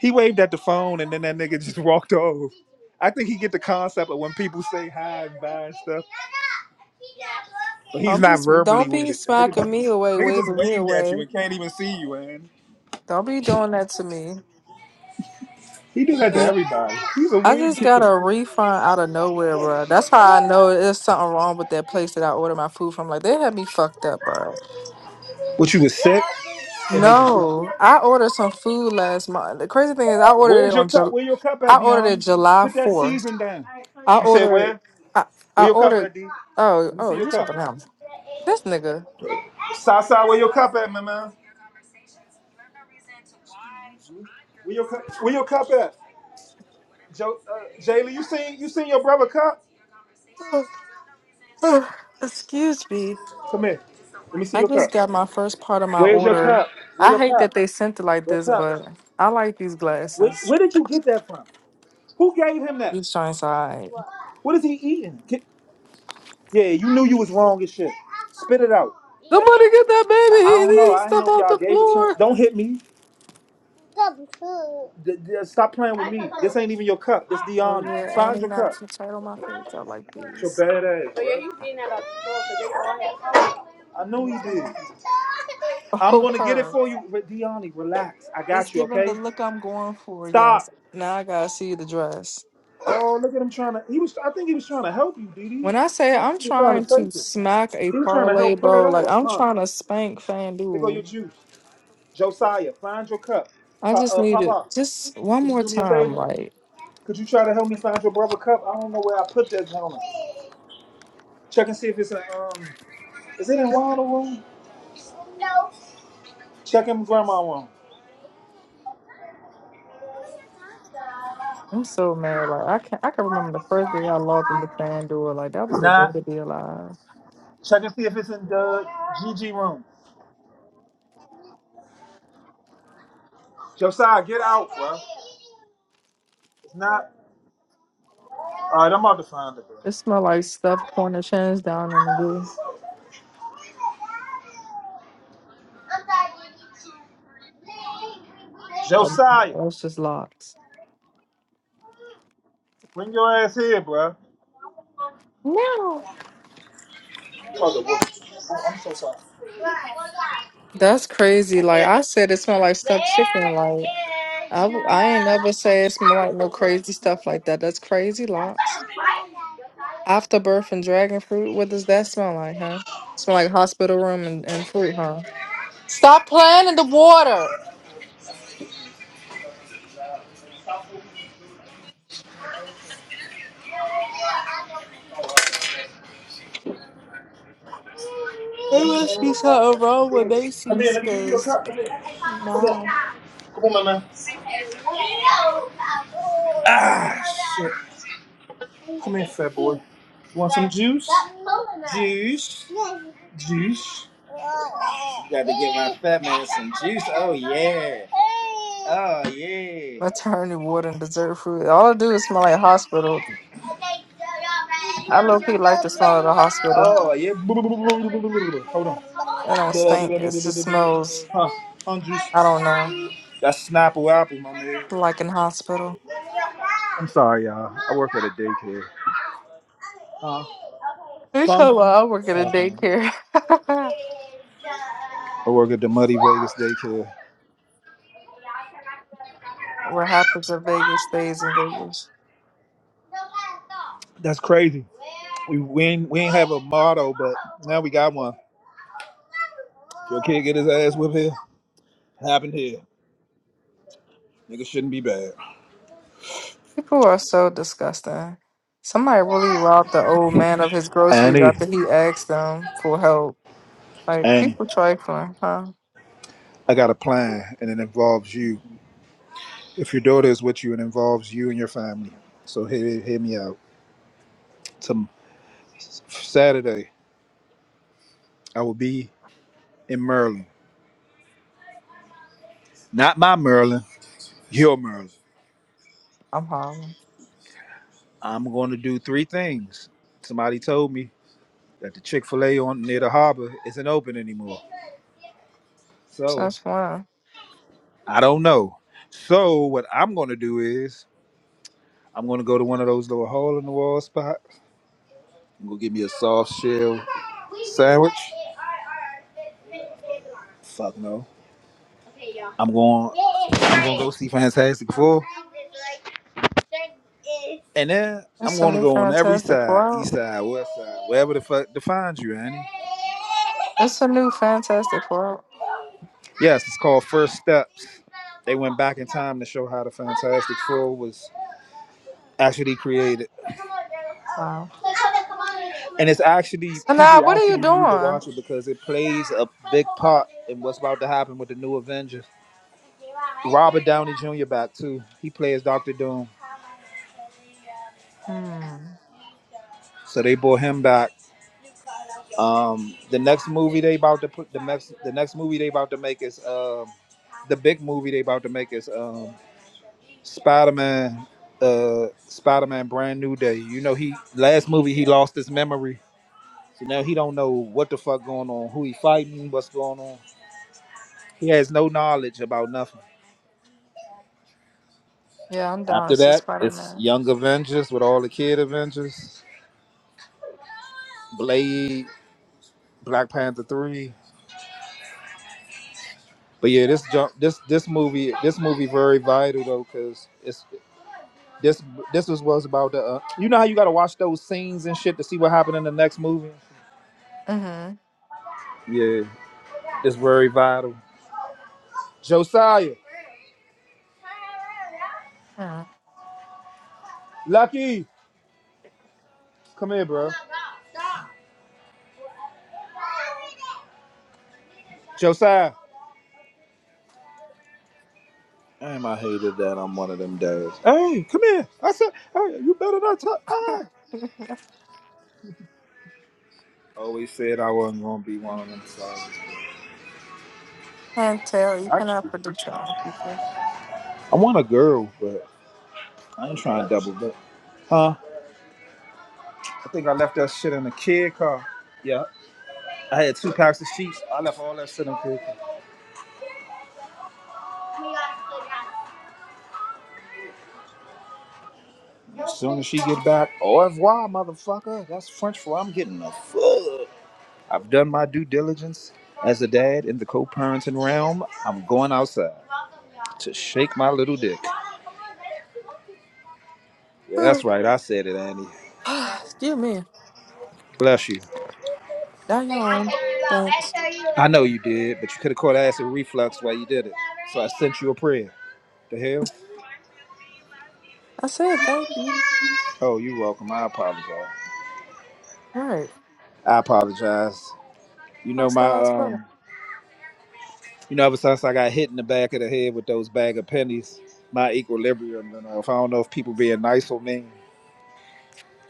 Speaker 1: he waved at the phone and then that nigga just walked off. I think he get the concept of when people say hi and bye and stuff. But he's
Speaker 3: Don't be
Speaker 1: not verbally
Speaker 3: don't
Speaker 1: with
Speaker 3: be
Speaker 1: it. The nigga just,
Speaker 3: smacking me away,
Speaker 1: nigga just
Speaker 3: waving me
Speaker 1: waved at you
Speaker 3: away.
Speaker 1: and can't even see you, man.
Speaker 3: Don't be doing that to me.
Speaker 1: He do that to
Speaker 3: Yeah,
Speaker 1: everybody. He's a
Speaker 3: I
Speaker 1: weird
Speaker 3: just got
Speaker 1: kid.
Speaker 3: a refund out of nowhere, bro. That's how I know there's something wrong with that place that I ordered my food from. Like they had me fucked up, bro.
Speaker 1: What you was sick? It made you sick.
Speaker 3: No, I ordered some food last month. The crazy thing is, I ordered it
Speaker 1: Where's your
Speaker 3: on
Speaker 1: cup?
Speaker 3: July.
Speaker 1: Where your cup
Speaker 3: I
Speaker 1: at,
Speaker 3: ordered it
Speaker 1: Dion?
Speaker 3: July
Speaker 1: Put that
Speaker 3: fourth.
Speaker 1: season down.
Speaker 3: I
Speaker 1: You said
Speaker 3: ordered.
Speaker 1: where?
Speaker 3: I, I
Speaker 1: Where your cup
Speaker 3: ordered.
Speaker 1: at, D?
Speaker 3: Oh,
Speaker 1: Let me see
Speaker 3: oh,
Speaker 1: your
Speaker 3: you
Speaker 1: cup.
Speaker 3: talking now? This nigga.
Speaker 1: Sasa, where your cup at, my man? Where your cup? Where your cup at? Jo, uh, Jaylee, you seen you seen your brother cup?
Speaker 3: Excuse me.
Speaker 1: Come here. Let me see
Speaker 3: I
Speaker 1: your cup.
Speaker 3: just got my first part of my
Speaker 1: Where's your
Speaker 3: order.
Speaker 1: cup? Where
Speaker 3: I
Speaker 1: your
Speaker 3: hate
Speaker 1: cup?
Speaker 3: that they sent it like
Speaker 1: Where
Speaker 3: this,
Speaker 1: cup?
Speaker 3: but I like these
Speaker 1: Where,
Speaker 3: glasses.
Speaker 1: where did you get that from? Who gave him that?
Speaker 3: These joints are alright.
Speaker 1: What? What is he eating? Get, yeah, you knew you was wrong as shit. Spit it out. Yeah,
Speaker 3: Somebody
Speaker 1: what?
Speaker 3: get that baby!
Speaker 1: I, I don't
Speaker 3: He's
Speaker 1: know.
Speaker 3: eating
Speaker 1: I didn't
Speaker 3: stuff
Speaker 1: know if
Speaker 3: off
Speaker 1: y'all
Speaker 3: the
Speaker 1: gave it to him.
Speaker 3: floor.
Speaker 1: Don't hit me. Stop, D- d- stop playing with me. This ain't even your cup. This
Speaker 3: Oh
Speaker 1: Dion.
Speaker 3: yeah, and
Speaker 1: Find
Speaker 3: they
Speaker 1: your
Speaker 3: not
Speaker 1: cup.
Speaker 3: too tight on my face. I like
Speaker 1: It's your
Speaker 3: these.
Speaker 1: bad ass. So yeah, you seen that about I
Speaker 3: Let
Speaker 1: know he
Speaker 3: me try
Speaker 1: did.
Speaker 3: 'em.
Speaker 1: I'm
Speaker 3: Oh,
Speaker 1: gonna get it
Speaker 3: her.
Speaker 1: for you, but Deani, relax. I
Speaker 3: It's
Speaker 1: got you,
Speaker 3: giving the
Speaker 1: okay?
Speaker 3: look I'm going for.
Speaker 1: Stop.
Speaker 3: Yes. Now I gotta see the dress.
Speaker 1: Oh, look at him trying to. He was. I think he was trying to help you, Didi.
Speaker 3: When I say
Speaker 1: I don't
Speaker 3: I'm
Speaker 1: think he was trying
Speaker 3: trying
Speaker 1: to
Speaker 3: to
Speaker 1: take it.
Speaker 3: smack a
Speaker 1: He was trying to
Speaker 3: parlay,
Speaker 1: help pull it
Speaker 3: bro, like
Speaker 1: out,
Speaker 3: I'm
Speaker 1: huh?
Speaker 3: trying to spank
Speaker 1: There go your
Speaker 3: FanDuel.
Speaker 1: juice, Josiah. Find your cup,
Speaker 3: I
Speaker 1: pa-
Speaker 3: just
Speaker 1: uh,
Speaker 3: need it
Speaker 1: Papa.
Speaker 3: just one
Speaker 1: Could you
Speaker 3: more
Speaker 1: do me a
Speaker 3: time,
Speaker 1: favor?
Speaker 3: like.
Speaker 1: Could you try to help me find your brother cup? I don't know where I put that gentleman. Check and see if it's in. Um, is it in Ronald room? No. Check in Grandma room.
Speaker 3: I'm so mad. Like I can I can remember the first day I logged into FanDuel. Like that
Speaker 1: It's
Speaker 3: was a day
Speaker 1: not.
Speaker 3: to be alive.
Speaker 1: Check and see if it's in the GG room. Josiah, get out, bro. It's not. All right, I'm about to find it, bro.
Speaker 3: It smelled like stuffed corner change down in the room. Um,
Speaker 1: Josiah,
Speaker 3: it was just locked.
Speaker 1: bring your ass here, bro.
Speaker 3: No,
Speaker 1: Oh, the Oh, I'm so sorry.
Speaker 3: that's crazy. Like I said, it smelled like stuffed chicken.
Speaker 1: Where
Speaker 3: Like I w- I ain't never say it smelled like no crazy stuff like that. That's crazy. Lots afterbirth and dragon fruit. What does that smell like, huh? Smell like hospital room and, and fruit, huh? Stop playing in the water.
Speaker 1: is the?
Speaker 3: There must be something wrong with
Speaker 1: Come here,
Speaker 3: Macy's
Speaker 1: let me give you a
Speaker 3: 'cause
Speaker 1: cup. Come here. Come on.
Speaker 3: Wow.
Speaker 1: Come on, my man. Ah, shit. Come here, fat boy. You want some juice? Juice. Juice. Got to give my fat man some juice. Oh, yeah. Oh, yeah.
Speaker 3: Maternity ward and dessert food. All I do is smell like hospital. I low key like the smell of the hospital.
Speaker 1: Oh, yeah. Hold on.
Speaker 3: It don't stink. It just smells,
Speaker 1: Huh, huh, juice.
Speaker 3: I don't know,
Speaker 1: That's Snapple Apple, my man.
Speaker 3: like in hospital.
Speaker 1: I'm sorry, y'all. I work at a daycare. Huh?
Speaker 3: They
Speaker 1: Fun?
Speaker 3: talking about I work at a
Speaker 1: Fuck, man.
Speaker 3: daycare.
Speaker 1: I work at the Muddy Vegas daycare.
Speaker 3: what happens in Vegas stays in Vegas.
Speaker 1: That's crazy. We, we, ain't, we ain't have a motto, but now we got one. your kid get his ass whipped here, happened here. Nigga shouldn't be bad.
Speaker 3: People are so disgusting. Somebody really robbed the old man of his groceries
Speaker 1: Annie,
Speaker 3: after he asked them for help. Like,
Speaker 1: Annie,
Speaker 3: people trifling, huh?
Speaker 1: I got a plan, and it involves you. If your daughter is with you, it involves you and your family. So hear, hear me out. Some Saturday, I will be in Maryland. Not my Maryland, your Maryland.
Speaker 3: I'm hollering.
Speaker 1: I'm going to do three things. Somebody told me that the Chick Fil A on near the harbor isn't open anymore. So
Speaker 3: Since when?
Speaker 1: I don't know. So what I'm gonna do is I'm gonna go to one of those little hole in the wall spots. I'm gonna give me a soft shell sandwich. Fuck no. I'm going. I'm gonna go see Fantastic Four. And then I'm
Speaker 3: That's a
Speaker 1: gonna
Speaker 3: new
Speaker 1: go on every
Speaker 3: fantastic
Speaker 1: side,
Speaker 3: world.
Speaker 1: east side, west side, wherever the fuck defines you, Annie.
Speaker 3: It's a new Fantastic Four.
Speaker 1: Yes, it's called First Steps. They went back in time to show how the Fantastic Four was actually created.
Speaker 3: Wow.
Speaker 1: And it's actually
Speaker 3: So now,
Speaker 1: people
Speaker 3: what are you
Speaker 1: actually need to
Speaker 3: doing?
Speaker 1: watch it because it plays a big part in what's about to happen with the new Avengers. Robert Downey Jr. back too. He plays Doctor Doom,
Speaker 3: Hmm.
Speaker 1: so they brought him back. Um, the next movie they about to put the next the next movie they about to make is um the big movie they about to make is um Spider Man, uh Spider Man Brand New Day. You know he last movie he lost his memory, so now he don't know what the fuck going on, who he fighting, what's going on. He has no knowledge about nothing.
Speaker 3: Yeah, I'm down to
Speaker 1: After
Speaker 3: see
Speaker 1: that,
Speaker 3: Spider
Speaker 1: it's
Speaker 3: Man.
Speaker 1: Young Avengers with all the kid Avengers. Blade, Black Panther three. But yeah, this jump, this this movie, this movie very vital though, cause it's this this was was about the. Uh, you know how you gotta watch those scenes and shit to see what happened in the next movie.
Speaker 3: Mm-hmm.
Speaker 1: Yeah, it's very vital. Josiah,
Speaker 3: mm
Speaker 1: Lucky, come here, bro. Josiah. Damn, I hated that I'm one of them days. Hey, come here. I said, hey, you better not talk. Always said I wasn't gonna be one of them. So
Speaker 3: Can't tell. You
Speaker 1: actually,
Speaker 3: cannot predict your own future.
Speaker 1: I want a girl, but I ain't trying to double dip. Huh? I think I left that shit in the kid car. Yeah, I had two packs of sheets. I left all that shit in the kid car. As soon as she get back, au revoir, motherfucker. That's French for I'm getting a fuck. I've done my due diligence as a dad in the co-parenting realm. I'm going outside to shake my little dick. Yeah, that's
Speaker 3: Whew.
Speaker 1: right. I said it, Andy.
Speaker 3: Excuse me.
Speaker 1: Bless you.
Speaker 3: Now you on. Thanks.
Speaker 1: I know you did, but you could have caught acid reflux while you did it. So I sent you a prayer. The hell?
Speaker 3: I said thank you.
Speaker 1: Oh, you're welcome. I apologize.
Speaker 3: Right.
Speaker 1: I apologize. You know my
Speaker 3: Hostile as fuck.
Speaker 1: um you know ever since I got hit in the back of the head with those bag of pennies, my equilibrium and off. I don't know if people being nice or mean.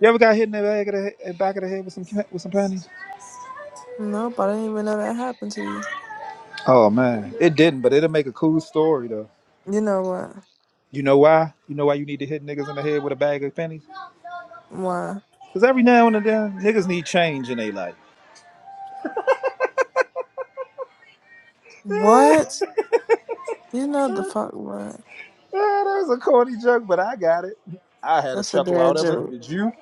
Speaker 1: You ever got hit in the back of the head, back of the head with some with some pennies?
Speaker 3: No, I didn't even know that happened to you.
Speaker 1: Oh man, it didn't, but it'll make a cool story though.
Speaker 3: You know what?
Speaker 1: You know why? You know why you need to hit niggas in the head with a bag of pennies?
Speaker 3: Why?
Speaker 1: Because every now and then, niggas need change in their life.
Speaker 3: What? You know the fuck what?
Speaker 1: Eh, that was a corny joke, but I got it. I had a
Speaker 3: That's a
Speaker 1: chuckle
Speaker 3: dad
Speaker 1: out of it.
Speaker 3: joke.
Speaker 1: Did you?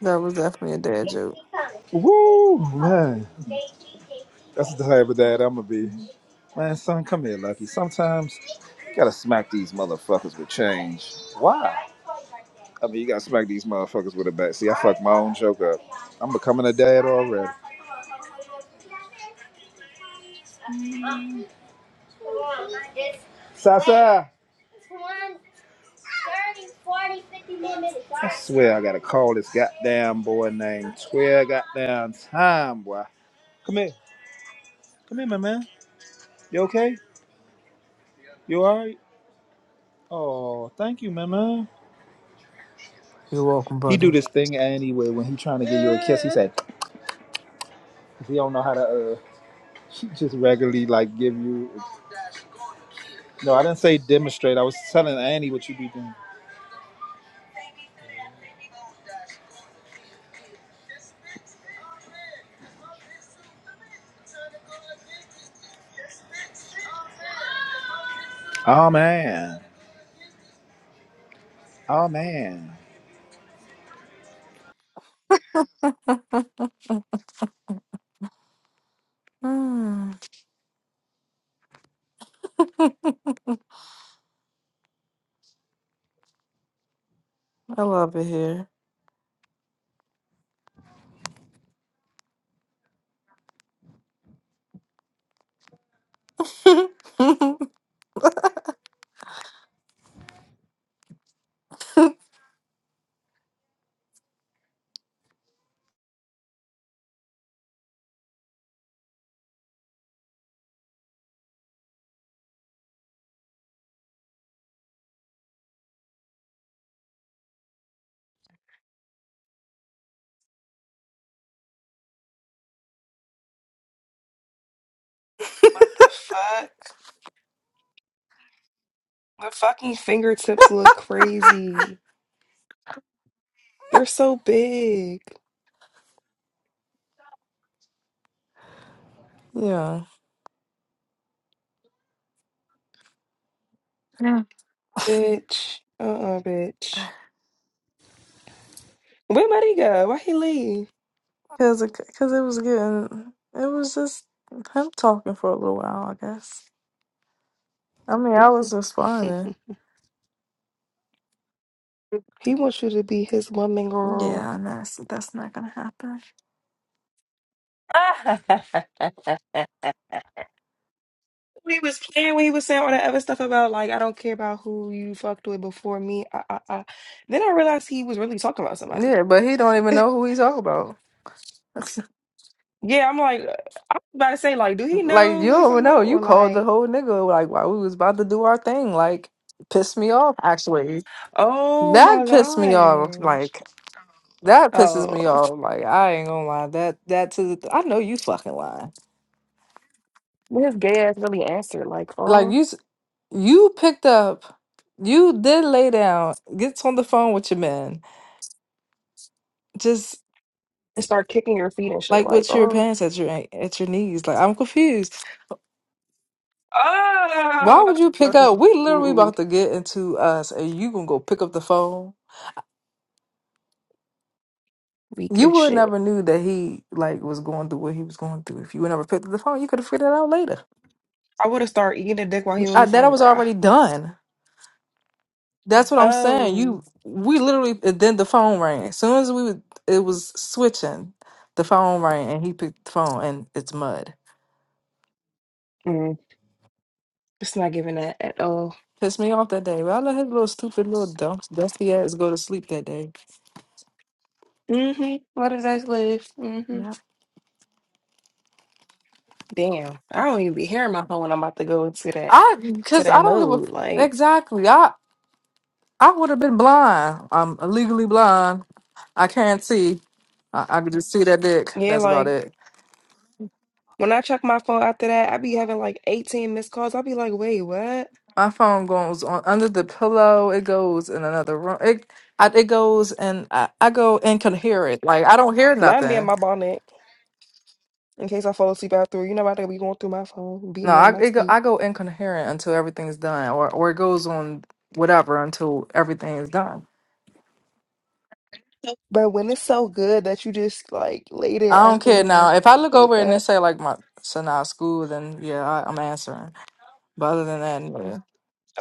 Speaker 3: That was definitely a dad joke.
Speaker 1: Woo, man. That's the type of dad I'm going to be. Man, son, come here, Lucky. Sometimes you gotta smack these motherfuckers with change. Why? I mean, you gotta smack these motherfuckers with a bat. See, I fucked my own joke up. I'm becoming a dad already. Sasa! I swear I gotta call this goddamn boy named Twelve goddamn time, boy. Come here. Come here, my man. You okay? You alright? Oh, thank you, Mama.
Speaker 3: You
Speaker 1: He do this thing anyway when he trying to give you a kiss. He said he don't know how to uh just regularly like give you. No, I didn't say demonstrate. I was telling Annie what you be doing. Oh man, oh man.
Speaker 3: older. I love it here.
Speaker 2: What the fuck? The fucking fingertips look crazy. They're so big,
Speaker 3: yeah. Yeah.
Speaker 2: bitch. Uh uh bitch. Where Marie go? Why he leave?
Speaker 3: Cause it, cause it was getting, it was just him talking for a little while, I guess. I mean, I was responding.
Speaker 2: he wants you to be his woman, girl.
Speaker 3: Yeah, and that's that's not gonna happen.
Speaker 2: He was playing when he was saying all that other stuff about like I don't care about who you fucked with before me. I, I, I. Then I realized he was really talking about somebody.
Speaker 3: Yeah, but he don't even know who he's talking about.
Speaker 2: Yeah, I'm like, uh, I was about to say like, do he
Speaker 3: like
Speaker 2: know
Speaker 3: you
Speaker 2: who he's
Speaker 3: don't even
Speaker 2: talking
Speaker 3: know.
Speaker 2: about
Speaker 3: You
Speaker 2: or
Speaker 3: called the
Speaker 2: like,
Speaker 3: whole nigga like while we was about to do our thing. Like pissed me off. Actually,
Speaker 2: oh
Speaker 3: that
Speaker 2: my
Speaker 3: pissed me off.
Speaker 2: gosh,
Speaker 3: Like that pisses
Speaker 2: oh,
Speaker 3: me off. Like I ain't gonna lie. That that to the, I know you fucking lying.
Speaker 2: Then his gay ass really answered like,
Speaker 3: like
Speaker 2: oh,
Speaker 3: you s- you picked up you did lay down gets on the phone with your man just
Speaker 2: and start kicking your feet and shit
Speaker 3: like
Speaker 2: like,
Speaker 3: with your
Speaker 2: oh,
Speaker 3: pants at your an- at your knees like i'm confused why
Speaker 2: oh,
Speaker 3: would you pick up we literally about to get into us and you gonna go pick up the phone
Speaker 2: weak
Speaker 3: you
Speaker 2: as
Speaker 3: would
Speaker 2: shit.
Speaker 3: never knew that he like was going through what he was going through if you would never picked up the phone you could have figured it out later
Speaker 2: I would have started eating the dick while he on
Speaker 3: I,
Speaker 2: the
Speaker 3: that i
Speaker 2: phone,
Speaker 3: was
Speaker 2: girl.
Speaker 3: already done That's what I'm saying.
Speaker 2: Oh,
Speaker 3: You, we literally. and Then the phone rang. As soon as we, would, it was switching. The phone rang, and he picked the phone, and it's mud.
Speaker 2: mm, it's not giving that at all.
Speaker 3: Pissed me off that day. But I let his little stupid little dump, dusty ass go to sleep that day.
Speaker 2: Mm-hmm. What does that live? Mm-hmm. Damn. I don't even be hearing my phone when I'm about to go into that
Speaker 3: I,
Speaker 2: to
Speaker 3: cause
Speaker 2: that
Speaker 3: I don't give a
Speaker 2: mode.
Speaker 3: f-
Speaker 2: Like,
Speaker 3: exactly. I, I would have been blind. I'm legally blind. I can't see. I, I could just see that dick.
Speaker 2: yeah,
Speaker 3: That's about
Speaker 2: like
Speaker 3: it.
Speaker 2: when I check my phone after that, I be having like 18 missed calls. I'll be like, wait, what?
Speaker 3: My phone goes on under the pillow. It goes in another room. It I, it goes and I, I go incoherent. Like I don't hear
Speaker 2: Mind me in
Speaker 3: nothing.
Speaker 2: my bonnet in case I fall asleep after. You know, about to be going through my phone, beat
Speaker 3: No,
Speaker 2: me out
Speaker 3: I
Speaker 2: my
Speaker 3: it go,
Speaker 2: sleep.
Speaker 3: I go incoherent until everything's done, or or it goes on whatever until everything is done.
Speaker 2: But when it's so good that you just like laid it
Speaker 3: I don't
Speaker 2: after we're
Speaker 3: care now.
Speaker 2: like,
Speaker 3: If I look
Speaker 2: hold
Speaker 3: over and they
Speaker 2: up.
Speaker 3: say like my son out of school, then yeah, I, I'm answering. But other than that, yeah.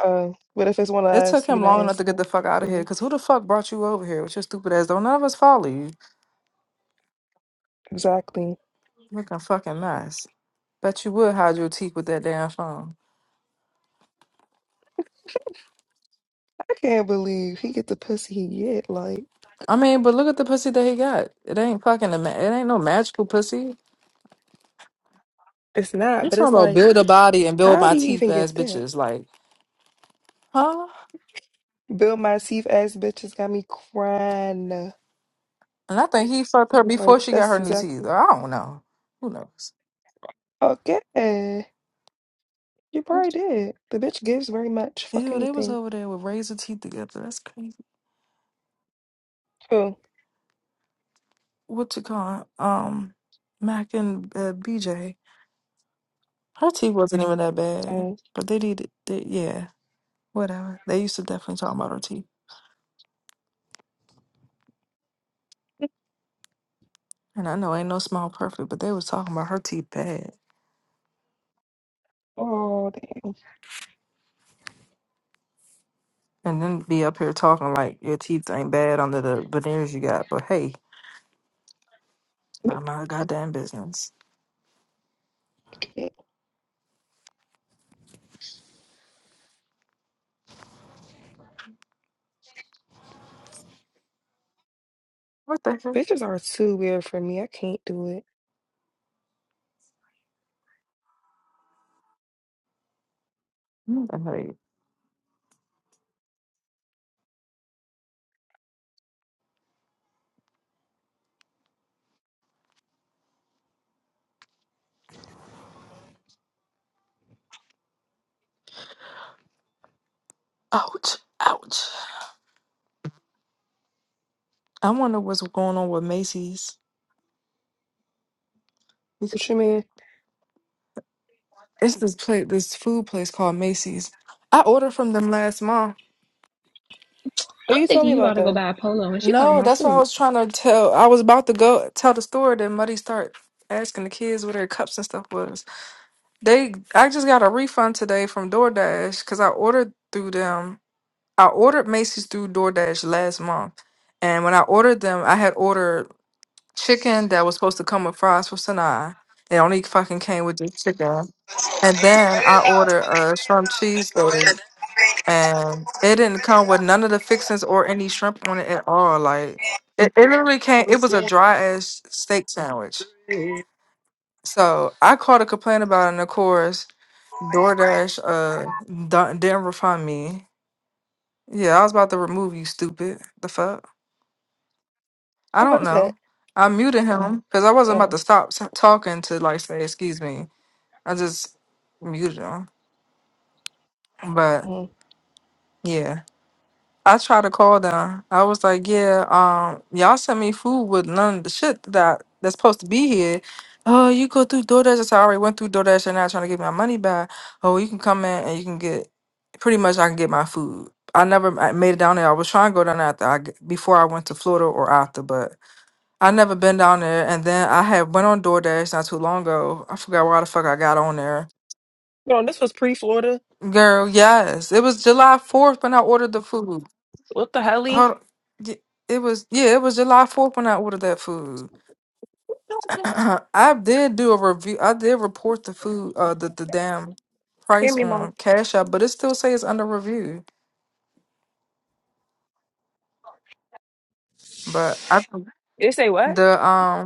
Speaker 2: Uh, but if it's one of
Speaker 3: It took
Speaker 2: us, you
Speaker 3: him
Speaker 2: not
Speaker 3: long enough to get the
Speaker 2: answering.
Speaker 3: fuck out of here.
Speaker 2: Cool.
Speaker 3: Cause who the fuck brought you over here with your stupid ass? Don't none of us follow you.
Speaker 2: Exactly.
Speaker 3: Looking fucking mess. Bet you would hide your teeth with that damn phone.
Speaker 2: I can't believe he get the pussy he get. Like.
Speaker 3: I mean, but look at the pussy that he got. It ain't fucking a ma- it ain't no magical pussy.
Speaker 2: It's not,
Speaker 3: You
Speaker 2: but
Speaker 3: talking
Speaker 2: it's
Speaker 3: about
Speaker 2: like,
Speaker 3: build a body and build
Speaker 2: how do
Speaker 3: my
Speaker 2: you
Speaker 3: teeth
Speaker 2: even
Speaker 3: ass
Speaker 2: get that?
Speaker 3: bitches. Like, huh?
Speaker 2: Bill my Massive ass bitches got me crying.
Speaker 3: And I think he fucked her
Speaker 2: Like,
Speaker 3: before she got
Speaker 2: that's
Speaker 3: her new teeth.
Speaker 2: exactly.
Speaker 3: I don't know. Who knows?
Speaker 2: Okay. You probably did. The bitch gives very much. Fuck
Speaker 3: Ew, they was
Speaker 2: anything.
Speaker 3: over there with razor teeth together. That's crazy.
Speaker 2: Oh,
Speaker 3: What you call it? Um, Mac and uh, BJ. Her teeth wasn't even that bad,
Speaker 2: oh,
Speaker 3: but they did. They, yeah, whatever. They used to definitely talk about her teeth. And I know ain't no smile perfect, but they was talking about her teeth bad.
Speaker 2: oh,
Speaker 3: And then be up here talking like your teeth ain't bad under the veneers you got, but hey,
Speaker 2: damn.
Speaker 3: I'm not a goddamn business.
Speaker 2: Okay.
Speaker 3: What the heck?
Speaker 2: Bitches are too weird for me. I can't do it.
Speaker 3: Mm, I hate it. Ouch! Ouch! I wonder what's going on with Macy's.
Speaker 2: What you mean?
Speaker 3: It's this place, this food place called Macy's. I ordered from them last month.
Speaker 2: Oh,
Speaker 4: I'm
Speaker 2: you told
Speaker 4: thinking
Speaker 2: me
Speaker 4: you
Speaker 2: about
Speaker 4: about to go
Speaker 2: them.
Speaker 4: buy a polo and she talking
Speaker 3: No,
Speaker 4: about
Speaker 3: that's what I
Speaker 4: food.
Speaker 3: was trying to tell. I was about to go tell the store that Muddy start asking the kids where their cups and stuff was. They, I just got a refund today from DoorDash because I ordered through them I ordered Macy's through DoorDash last month. And when I ordered them, I had ordered chicken that was supposed to come with fries for Sanaa. It only fucking came with just chicken.
Speaker 5: That
Speaker 3: And then I ordered a shrimp cheesesteak and it didn't come with none of the fixings or any shrimp on it at all. Like it, it literally came it was a dry ass steak sandwich. So I called to complain about it and of course DoorDash uh done- didn't refund me. Yeah, I was about to remove you, stupid. The fuck? I
Speaker 2: Oh, was
Speaker 3: don't
Speaker 2: that?
Speaker 3: know. I muted him because I wasn't about
Speaker 2: Oh,
Speaker 3: to stop s- talking to like say excuse me. I just muted him. But
Speaker 2: mm.
Speaker 3: yeah, I tried to call them. I was like, yeah, um, y'all sent me food with none of the shit that that's supposed to be here. Oh, you go through DoorDash. I said, I already went through DoorDash. You're not trying to get my money back. Oh, you can come in and you can get pretty much. I can get my food. I never I made it down there. I was trying to go down there after I g before I went to Florida or after, but I never been down there, and then I had went on DoorDash not too long ago. I forgot why the fuck I got on there.
Speaker 2: Hold on. This was pre Florida.
Speaker 3: Girl, yes, it was July fourth when I ordered the food.
Speaker 2: What the hell? Hear
Speaker 3: Hold, y- it was yeah, it was July fourth when I ordered that food. I did do a review. I did report the food, uh, the the damn price
Speaker 2: me, mom.
Speaker 3: on Cash App, but it still says it's under review. But I
Speaker 2: They say what?
Speaker 3: the um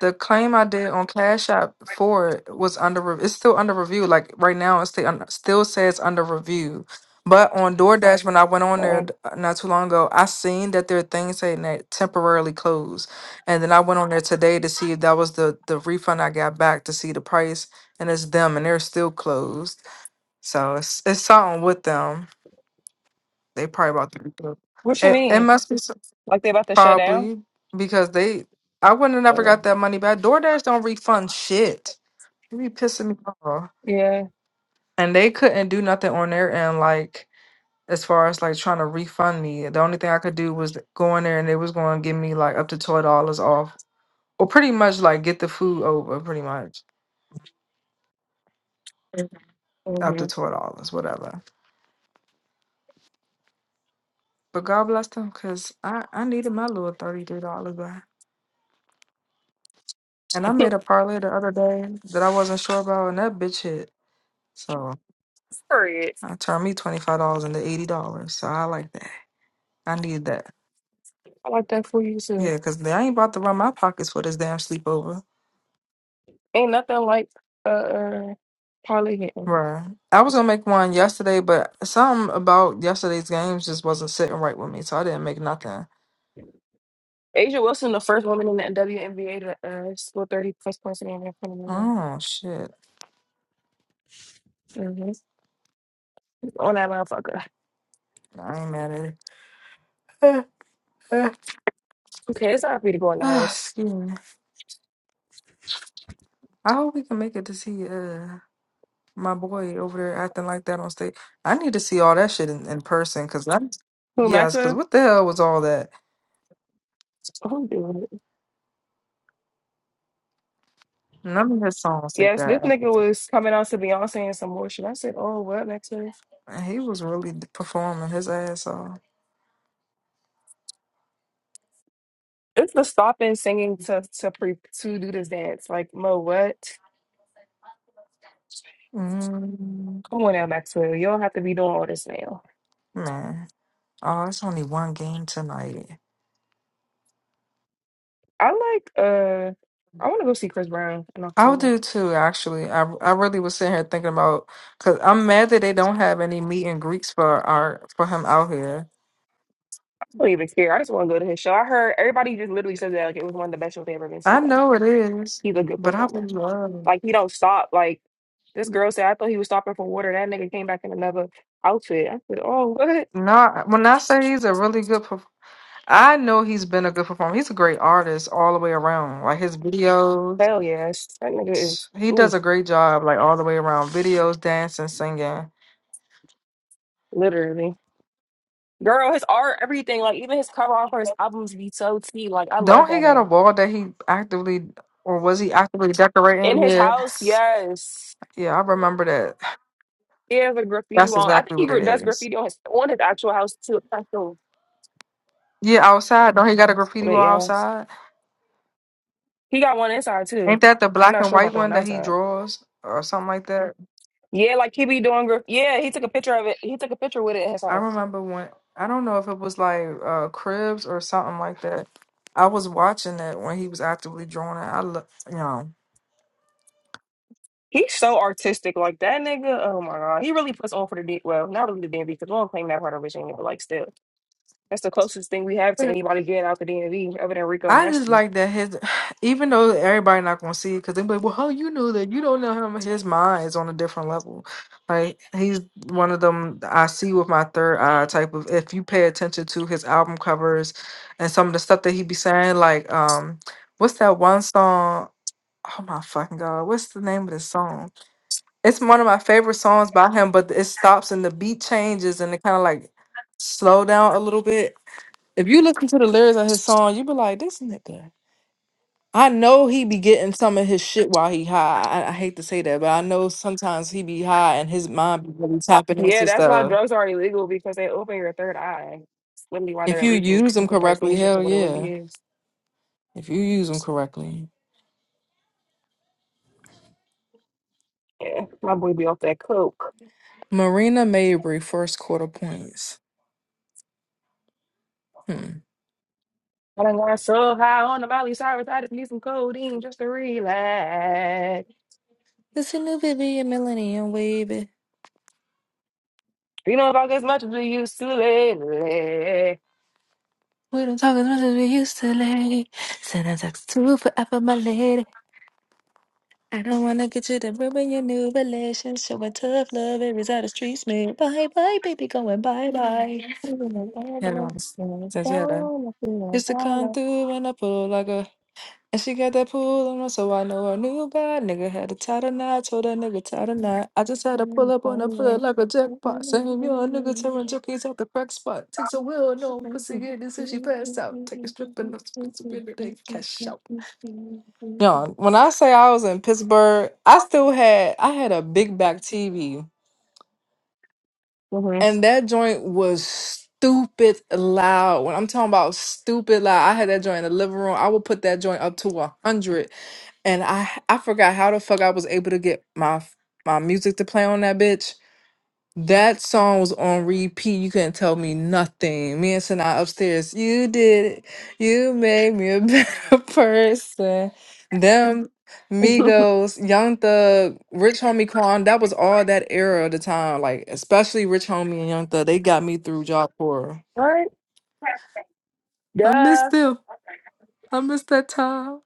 Speaker 3: The claim I did on Cash App for it was under re- it's still under review. Like right now, it still still says under review. But on DoorDash, when I went on there
Speaker 2: Um,
Speaker 3: d- not too long ago, I seen that there are things saying that temporarily closed. And then I went on there today to see if that was the the refund I got back to see the price, and it's them, and they're still closed. So it's it's something with them. They probably about to. be closed.
Speaker 2: what you
Speaker 3: It it
Speaker 2: mean?
Speaker 3: must be.
Speaker 2: Like they about to shut down?
Speaker 3: Probably because they, I wouldn't have never
Speaker 2: Oh.
Speaker 3: got that money back. DoorDash don't refund shit. You be pissing me off.
Speaker 2: Yeah.
Speaker 3: And they couldn't do nothing on their end, like as far as like trying to refund me. The only thing I could do was go in there and they was going to give me like up to twelve dollars off, or pretty much like get the food over, pretty much Mhm. up
Speaker 2: hmm
Speaker 3: to twelve dollars, whatever. But God bless them, cause I I needed my little thirty three dollars back. And I made a parlay the other day that I wasn't sure about, and that bitch hit. So.
Speaker 2: Periods.
Speaker 3: I turned me twenty five dollars into eighty dollars, so I like that. I need that.
Speaker 2: I like that for you too.
Speaker 3: Yeah, cause I ain't about to run my pockets for this damn sleepover.
Speaker 2: Ain't nothing like uh, uh Carly Hinton.
Speaker 3: Right. I was gonna make one yesterday, but something about yesterday's games just wasn't sitting right with me, so I didn't make nothing.
Speaker 2: Asia Wilson, the first woman in the WNBA to uh, score 30 plus points in the NFL.
Speaker 3: Oh shit!
Speaker 2: Mm-hmm. On that motherfucker.
Speaker 3: I ain't mad at it.
Speaker 2: Okay, it's not for you to go in the
Speaker 3: Ah,
Speaker 2: house.
Speaker 3: Excuse me. I hope we can make it to see uh my boy over there acting like that on stage. I need to see all that shit in, in person, cause that's
Speaker 2: Who,
Speaker 3: yes, cause
Speaker 2: Maxwell?
Speaker 3: what the hell was all that?
Speaker 2: Who do it?
Speaker 3: None of his songs take
Speaker 2: Yes, this
Speaker 3: that
Speaker 2: nigga
Speaker 3: effort.
Speaker 2: was coming out to Beyonce and some more shit. I said, oh, what, Maxwell?
Speaker 3: Man, He was really d- performing his ass off.
Speaker 2: It's the stopping singing to to pre to do this dance. Like, Mo, what?
Speaker 3: Mm,
Speaker 2: Come on now, Maxwell. You don't have to be doing all this now.
Speaker 3: man. Oh, it's only one game tonight.
Speaker 2: I like uh I wanna go see Chris Brown in
Speaker 3: I'll
Speaker 2: October.
Speaker 3: do
Speaker 2: I
Speaker 3: too, actually. I, I really was sitting here thinking about because I'm mad that they don't have any meet and greets for our for him out here.
Speaker 2: don't even care. I just wanna go to his show. I heard everybody just literally said that like it was one of the best shows they ever been to.
Speaker 3: I
Speaker 2: Like
Speaker 3: know it is,
Speaker 2: he's a good
Speaker 3: but I
Speaker 2: performer.
Speaker 3: would love.
Speaker 2: Like he don't stop. Like this girl said I thought he was stopping for water. That nigga came back in another outfit. I said, Oh what?
Speaker 3: Not when I say he's a really good. perf- I know he's been a good performer. He's a great artist all the way around. Like his videos,
Speaker 2: Hell yes. That nigga is
Speaker 3: he does
Speaker 2: oof,
Speaker 3: a great job. Like all the way around, videos, dancing, singing.
Speaker 2: literally. Girl, his art, everything, like even his cover art for his albums be so tea. Like I love
Speaker 3: Don't he
Speaker 2: that
Speaker 3: got a
Speaker 2: man.
Speaker 3: wall that he actively or was he actively
Speaker 2: In
Speaker 3: decorating?
Speaker 2: his
Speaker 3: Yeah.
Speaker 2: house, yes.
Speaker 3: Yeah, I remember that.
Speaker 2: He has a graffiti
Speaker 3: That's
Speaker 2: wall. I think
Speaker 3: exactly
Speaker 2: he
Speaker 3: what
Speaker 2: gra-
Speaker 3: it
Speaker 2: does
Speaker 3: is.
Speaker 2: graffiti on his on his actual house too. I feel-
Speaker 3: Yeah, outside. Don't he got a graffiti
Speaker 2: But
Speaker 3: wall
Speaker 2: yes,
Speaker 3: outside?
Speaker 2: he got one inside too.
Speaker 3: Ain't that the
Speaker 2: I'm
Speaker 3: black
Speaker 2: not
Speaker 3: and
Speaker 2: sure about
Speaker 3: white
Speaker 2: the one
Speaker 3: one that he
Speaker 2: outside.
Speaker 3: draws or something like that?
Speaker 2: Yeah, like he be doing. Gra- yeah, he took a picture of it. He took a picture with it at his
Speaker 3: I
Speaker 2: house.
Speaker 3: remember when I don't know if it was like uh Cribs or something like that. I was watching it when he was actively drawing it. I look, you know.
Speaker 2: He's so artistic, like that nigga. Oh my god, he really puts on for the D. Well, not really the DMV because we don't claim that part of Virginia, but like still, that's the closest thing we have to anybody getting out the DMV other than Rico
Speaker 3: I just
Speaker 2: Nasty.
Speaker 3: like that his, even though everybody not gonna see it, because they be like, "Well, how you know that? You don't know him. His mind is on a different level. Like he's one of them I see with my third eye type of. If you pay attention to his album covers and some of the stuff that he be saying, like um, what's that one song? Oh my fucking god, what's the name of the song? It's one of my favorite songs by him, but it stops and the beat changes and it kind of like slow down a little bit. If you listen to the lyrics of his song, you be like, "This nigga." I know he be getting some of his shit while he high. I, I hate to say that, but I know sometimes he be high and his mind be really tapping
Speaker 2: Yeah,
Speaker 3: into
Speaker 2: that's why
Speaker 3: stuff.
Speaker 2: drugs are illegal because they open your third eye. It's literally why they're
Speaker 3: If you
Speaker 2: illegal.
Speaker 3: use them
Speaker 2: People start seeing
Speaker 3: correctly,
Speaker 2: shit for
Speaker 3: hell
Speaker 2: what it really
Speaker 3: yeah.
Speaker 2: is.
Speaker 3: If you use them correctly.
Speaker 2: Yeah, my boy be off that coke.
Speaker 3: Marina Mabry, first quarter points. Hmm.
Speaker 2: I done got so high on the Miley Cyrus, I just need some codeine just to relax.
Speaker 3: It's a new baby and millennium wavy.
Speaker 2: You know about as much as we used to lately.
Speaker 3: We don't talk as much as we used to, lady. Send a text to forever, my lady. I don't wanna get you to ruin your new relationship. With tough love, every side of the streets, man. Bye bye, baby, going bye bye.
Speaker 2: Mhm.
Speaker 3: Everyone's says yeah then. Used to come through and I pull like a and she got that pull on her, so I know her new guy. Nigga had a tie tonight, told that nigga tie tonight. I just had to pull up on her, pull it like a jackpot. Saying you a nigga tearing junkies out the crack spot. Takes a will, no pussy get this and she passed out. Take a strip and that's day cash out. Yo, when I say I was in Pittsburgh, I still had I had a big back TV. And that joint was stupid loud. When I'm talking about stupid loud, I had that joint in the living room. I would put that joint up to 100. And I I forgot how the fuck I was able to get my my music to play on that bitch. That song was on repeat. You couldn't tell me nothing. Me and Sanaa upstairs. You did it. You made me a better person. Them Migos, Young Thug, Rich Homie Quan. That was all that era of the time. Like especially Rich Homie and Young Thug. They got me through job horror.
Speaker 2: what?
Speaker 3: I
Speaker 2: Duh.
Speaker 3: miss them. I miss that time.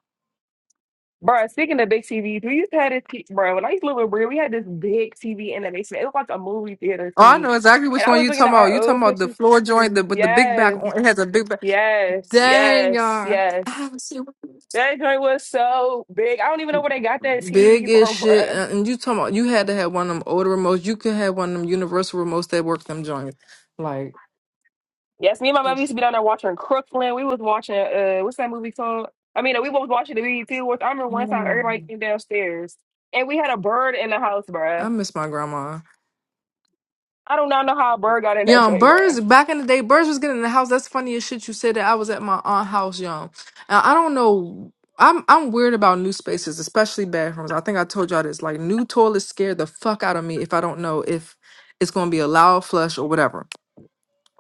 Speaker 2: Bro, speaking of big TVs, we used to have this, t- bro, when I used to live with Bria, we had this big TV in the basement. It was like a movie theater
Speaker 3: Oh, I know
Speaker 2: TV.
Speaker 3: exactly
Speaker 2: And
Speaker 3: which
Speaker 2: I
Speaker 3: one
Speaker 2: was
Speaker 3: you
Speaker 2: looking at
Speaker 3: talking about.
Speaker 2: our
Speaker 3: You
Speaker 2: old
Speaker 3: talking about the
Speaker 2: pictures.
Speaker 3: floor joint the, with the big back
Speaker 2: Yes,
Speaker 3: on. It has a big back.
Speaker 2: yes,
Speaker 3: Dang,
Speaker 2: yes,
Speaker 3: y'all. I
Speaker 2: yes.
Speaker 3: haven't seen one.
Speaker 2: That joint was so big. I don't even know where they got that TV
Speaker 3: Big as
Speaker 2: from,
Speaker 3: shit.
Speaker 2: bro.
Speaker 3: And and you talking about you had to have one of them older remotes. You could have one of them universal remotes that work them joints. Like
Speaker 2: Yes, me and my mother used to be down there watching Crooklyn. We was watching, uh, what's that movie called? I mean, we was watching the BET Awards. I remember one time everybody
Speaker 3: Mm.
Speaker 2: came downstairs and we had a bird in the house,
Speaker 3: I
Speaker 2: bro.
Speaker 3: miss my grandma.
Speaker 2: I do not know how a bird got in that
Speaker 3: Young
Speaker 2: joint, bro.
Speaker 3: birds back in the day, birds was getting in the house. That's funny as shit. You said that I was at my aunt house, young. And I don't know. I'm I'm weird about new spaces, especially bathrooms. I think I told y'all this. Like new toilets scare the fuck out of me if I don't know if it's gonna be a loud flush or whatever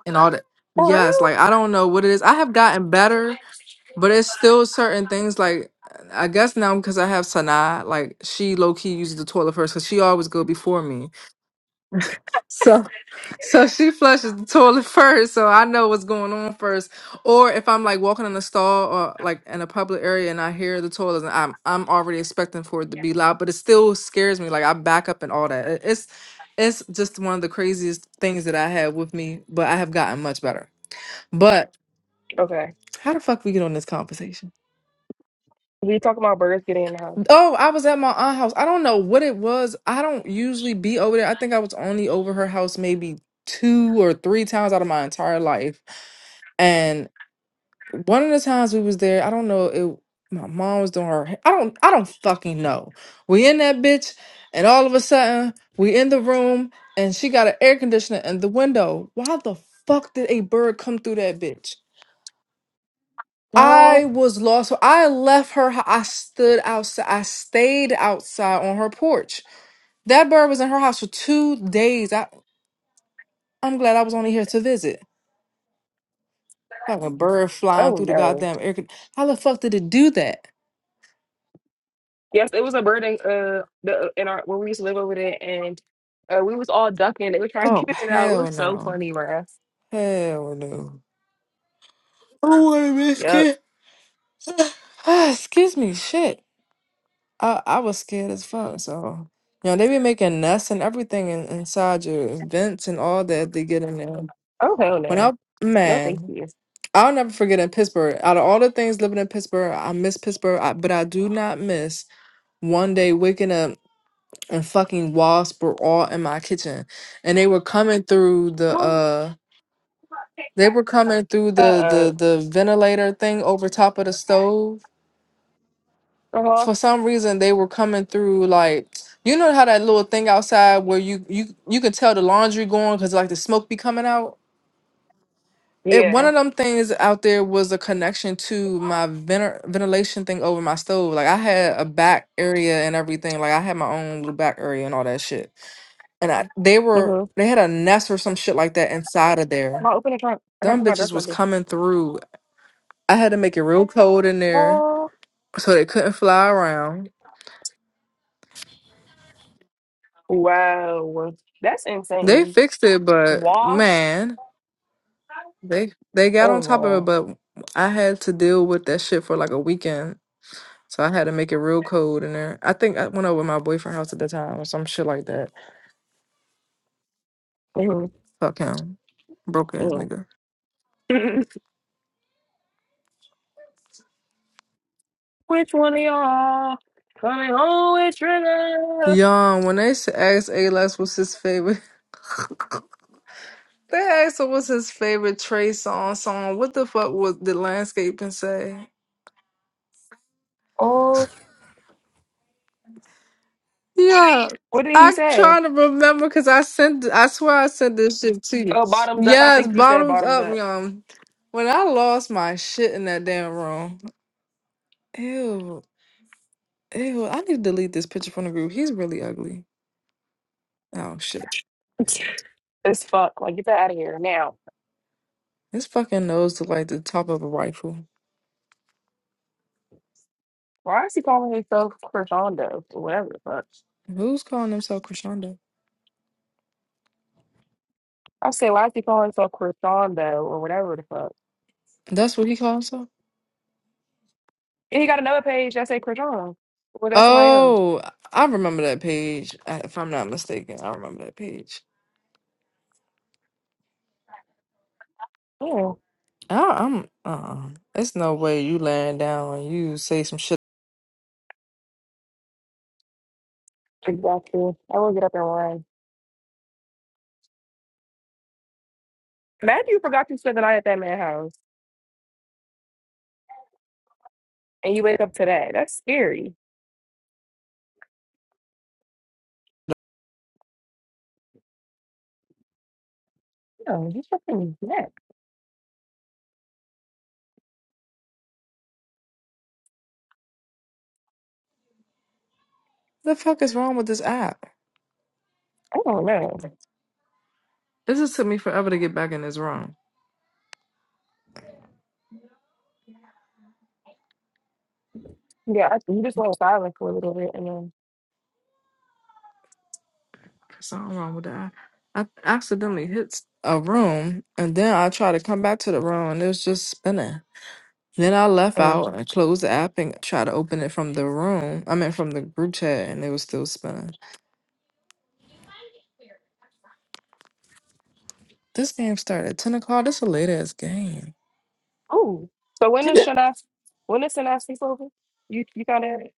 Speaker 3: and all that.
Speaker 2: For
Speaker 3: Yes,
Speaker 2: real?
Speaker 3: like I don't know what it is. I have gotten better But it's still certain things like I guess now because I have Sanaa, like she low key uses the toilet first because she always go before me. So so she flushes the toilet first, so I know what's going on first. Or if I'm like walking in the stall or like in a public area and I hear the toilet, and I'm I'm already expecting for it to be loud, but it still scares me. Like I back up and all that. It- It's it's just one of the craziest things that I had with me, but I have gotten much better. But
Speaker 2: Okay.
Speaker 3: how the fuck we get on this conversation?
Speaker 2: We talking about birds getting in the house.
Speaker 3: Oh, I was at my aunt's house. I don't know what it was. I don't usually be over there. I think I was only over her house maybe two or three times out of my entire life. And one of the times we was there, I don't know, it my mom was doing her ha- I don't I don't fucking know. We in that bitch and all of a sudden we in the room and she got an air conditioner in the window. Why the fuck did a bird come through that bitch?
Speaker 2: Oh,
Speaker 3: I was lost. So I left her. hou- I stood outside. I stayed outside on her porch. That bird was in her house for two days. I, I'm glad I was only here to visit. Fucking bird flying
Speaker 2: oh
Speaker 3: through the
Speaker 2: no.
Speaker 3: goddamn air. con- How the fuck did it do that?
Speaker 2: Yes, it was a bird in uh the uh, in our where we used to live over there, and uh, we was all ducking. They were trying to
Speaker 3: Oh,
Speaker 2: get it out. It
Speaker 3: hell
Speaker 2: was so
Speaker 3: no.
Speaker 2: funny, bruh.
Speaker 3: Hell no. I don't want to miss
Speaker 2: Yep.
Speaker 3: kid. Excuse me. Shit. I, I was scared as fuck. So, you know, they be making nests and everything in, inside your vents and all that. They get in there.
Speaker 2: Oh hell
Speaker 3: When I,
Speaker 2: no. No, thank
Speaker 3: man.
Speaker 2: you.
Speaker 3: I'll never forget in Pittsburgh. Out of all the things living in Pittsburgh, I miss Pittsburgh, I, but I do not miss one day waking up and fucking wasps were all in my kitchen, and they were coming through the
Speaker 2: Oh,
Speaker 3: uh, they were coming through
Speaker 2: Uh,
Speaker 3: the
Speaker 2: uh,
Speaker 3: the the ventilator thing over top of the stove.
Speaker 2: uh-huh.
Speaker 3: For some reason, they were coming through like you know how that little thing outside where you you you can tell the laundry going because like the smoke be coming out. it one
Speaker 2: Yeah.
Speaker 3: of them things out there was a connection to my vener- ventilation thing over my stove. Like I had a back area and everything. Like I had my own little back area and all that shit. And I they were
Speaker 2: Mm-hmm.
Speaker 3: they had a nest or some shit like that inside of there.
Speaker 2: I'll open the trunk. I gotta
Speaker 3: Them
Speaker 2: put my dress
Speaker 3: bitches
Speaker 2: like
Speaker 3: was
Speaker 2: this.
Speaker 3: coming through. I had to make it real cold in there so they couldn't fly around.
Speaker 2: Oh, wow. That's
Speaker 3: They
Speaker 2: insane.
Speaker 3: fixed it, but
Speaker 2: Wash.
Speaker 3: man, they they got on top of it.
Speaker 2: Oh
Speaker 3: But I had to deal with that shit for like a weekend. So I had to make it real cold in there. I think I went over my boyfriend's house at the time or some shit like that.
Speaker 2: no.
Speaker 3: Fuck him. Broke ass
Speaker 2: Mm-hmm.
Speaker 3: nigga.
Speaker 2: Which one of y'all coming home with Trigger?
Speaker 3: Yon, when they s- asked Alex what's his favorite They asked him what's his favorite Trey song song. What the fuck was the landscaping say?
Speaker 2: Oh,
Speaker 3: Yeah.
Speaker 2: what did he
Speaker 3: I'm
Speaker 2: say?
Speaker 3: trying to remember because I sent I swear I sent this shit to you.
Speaker 2: Oh, bottoms up. I
Speaker 3: Yes,
Speaker 2: think he said
Speaker 3: bottoms
Speaker 2: bottoms
Speaker 3: up,
Speaker 2: up.
Speaker 3: y'all. When I lost my shit in that damn room. Ew. Ew, I need to delete this picture from the group. He's really ugly. Oh shit.
Speaker 2: It's fuck. Like, get that out of here now.
Speaker 3: His fucking nose to like the top of a rifle.
Speaker 2: Why is he calling himself Crescendo or whatever the fuck?
Speaker 3: Who's calling himself Crescendo?
Speaker 2: I say, why is he calling himself Crescendo or whatever the fuck?
Speaker 3: That's what he calls himself?
Speaker 2: And he got another page that say Crescendo. Well, that's somebody else.
Speaker 3: Oh, I remember that page. I- If I'm not mistaken, I remember that page.
Speaker 2: Yeah,
Speaker 3: I, I'm, uh-uh. It's no way you laying down and you say some shit.
Speaker 2: exactly. I will get up and run. Imagine you forgot you spent the night at that man's house and you wake up today. That's scary. No, he's fucking neck.
Speaker 3: The fuck is wrong with this app?
Speaker 2: I don't know.
Speaker 3: This just took me forever to get back in this room.
Speaker 2: Yeah, I, you just went silent for a little bit, and then
Speaker 3: Something wrong with that. I accidentally hit a room, and then I tried to come back to the room, and it was just spinning. Then I left
Speaker 2: um,
Speaker 3: out and closed the app and tried to open it from the room. I mean, from the group chat, and it was still spinning. This game started at 10 o'clock. This is the latest game.
Speaker 2: oh, so when is Shanas? When is Shanas sleep over? You you got at it?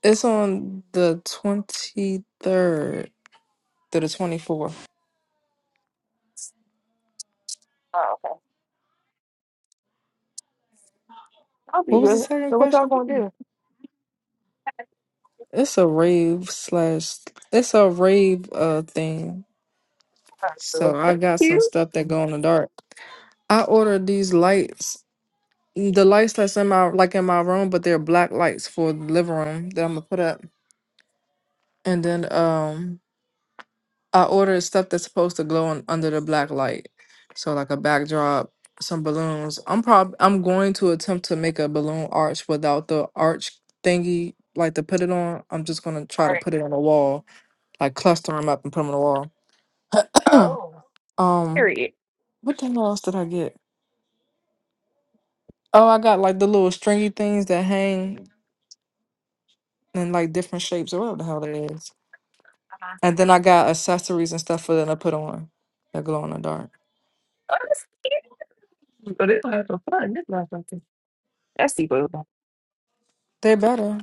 Speaker 3: It's on the 23rd to the 24th.
Speaker 2: Oh, okay. I'll be
Speaker 3: What was the
Speaker 2: good.
Speaker 3: second
Speaker 2: So what y'all
Speaker 3: question?
Speaker 2: gonna do?
Speaker 3: It's a rave slash, it's a rave uh thing. So
Speaker 2: Oh,
Speaker 3: I
Speaker 2: That's
Speaker 3: got some
Speaker 2: cute.
Speaker 3: stuff that go in the dark. I ordered these lights, the lights that's in my like in my room, but they're black lights for the living room that I'm gonna put up. And then um, I ordered stuff that's supposed to glow on, under the black light, so like a backdrop, some balloons. I'm prob I'm going to attempt to make a balloon arch without the arch thingy, like to put it on. I'm just gonna
Speaker 2: All
Speaker 3: try to
Speaker 2: right.
Speaker 3: put it on the wall, like cluster them up and put them on the wall.
Speaker 2: Oh,
Speaker 3: um,
Speaker 2: period.
Speaker 3: what the hell else did I get? Oh, I got like the little stringy things that hang. in like different shapes or whatever the hell it is.
Speaker 2: Uh-huh.
Speaker 3: And then I got accessories and stuff for them to put on that glow in the dark.
Speaker 2: Oh, that's cute. Oh, this is for fun. This not something. That's the boo.
Speaker 3: They better.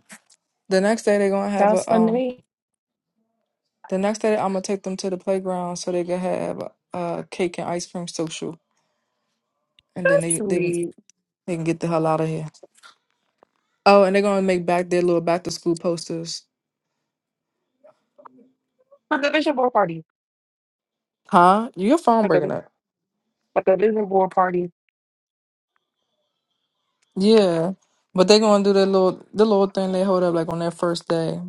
Speaker 3: The next day they're gonna have
Speaker 2: Sounds
Speaker 3: a
Speaker 2: fun to
Speaker 3: um.
Speaker 2: me.
Speaker 3: The next day I'm gonna take them to the playground so they can have a, a cake and ice cream social, and then
Speaker 2: That's
Speaker 3: they they
Speaker 2: sweet.
Speaker 3: they can get the hell out of here. Oh, and they're gonna make back their little back to school posters.
Speaker 2: Like a vision board party.
Speaker 3: Huh? Your phone
Speaker 2: Like a
Speaker 3: breaking
Speaker 2: vi-
Speaker 3: up?
Speaker 2: like a vision board party.
Speaker 3: Yeah, but they're gonna do their little the little thing they hold up like on their first day.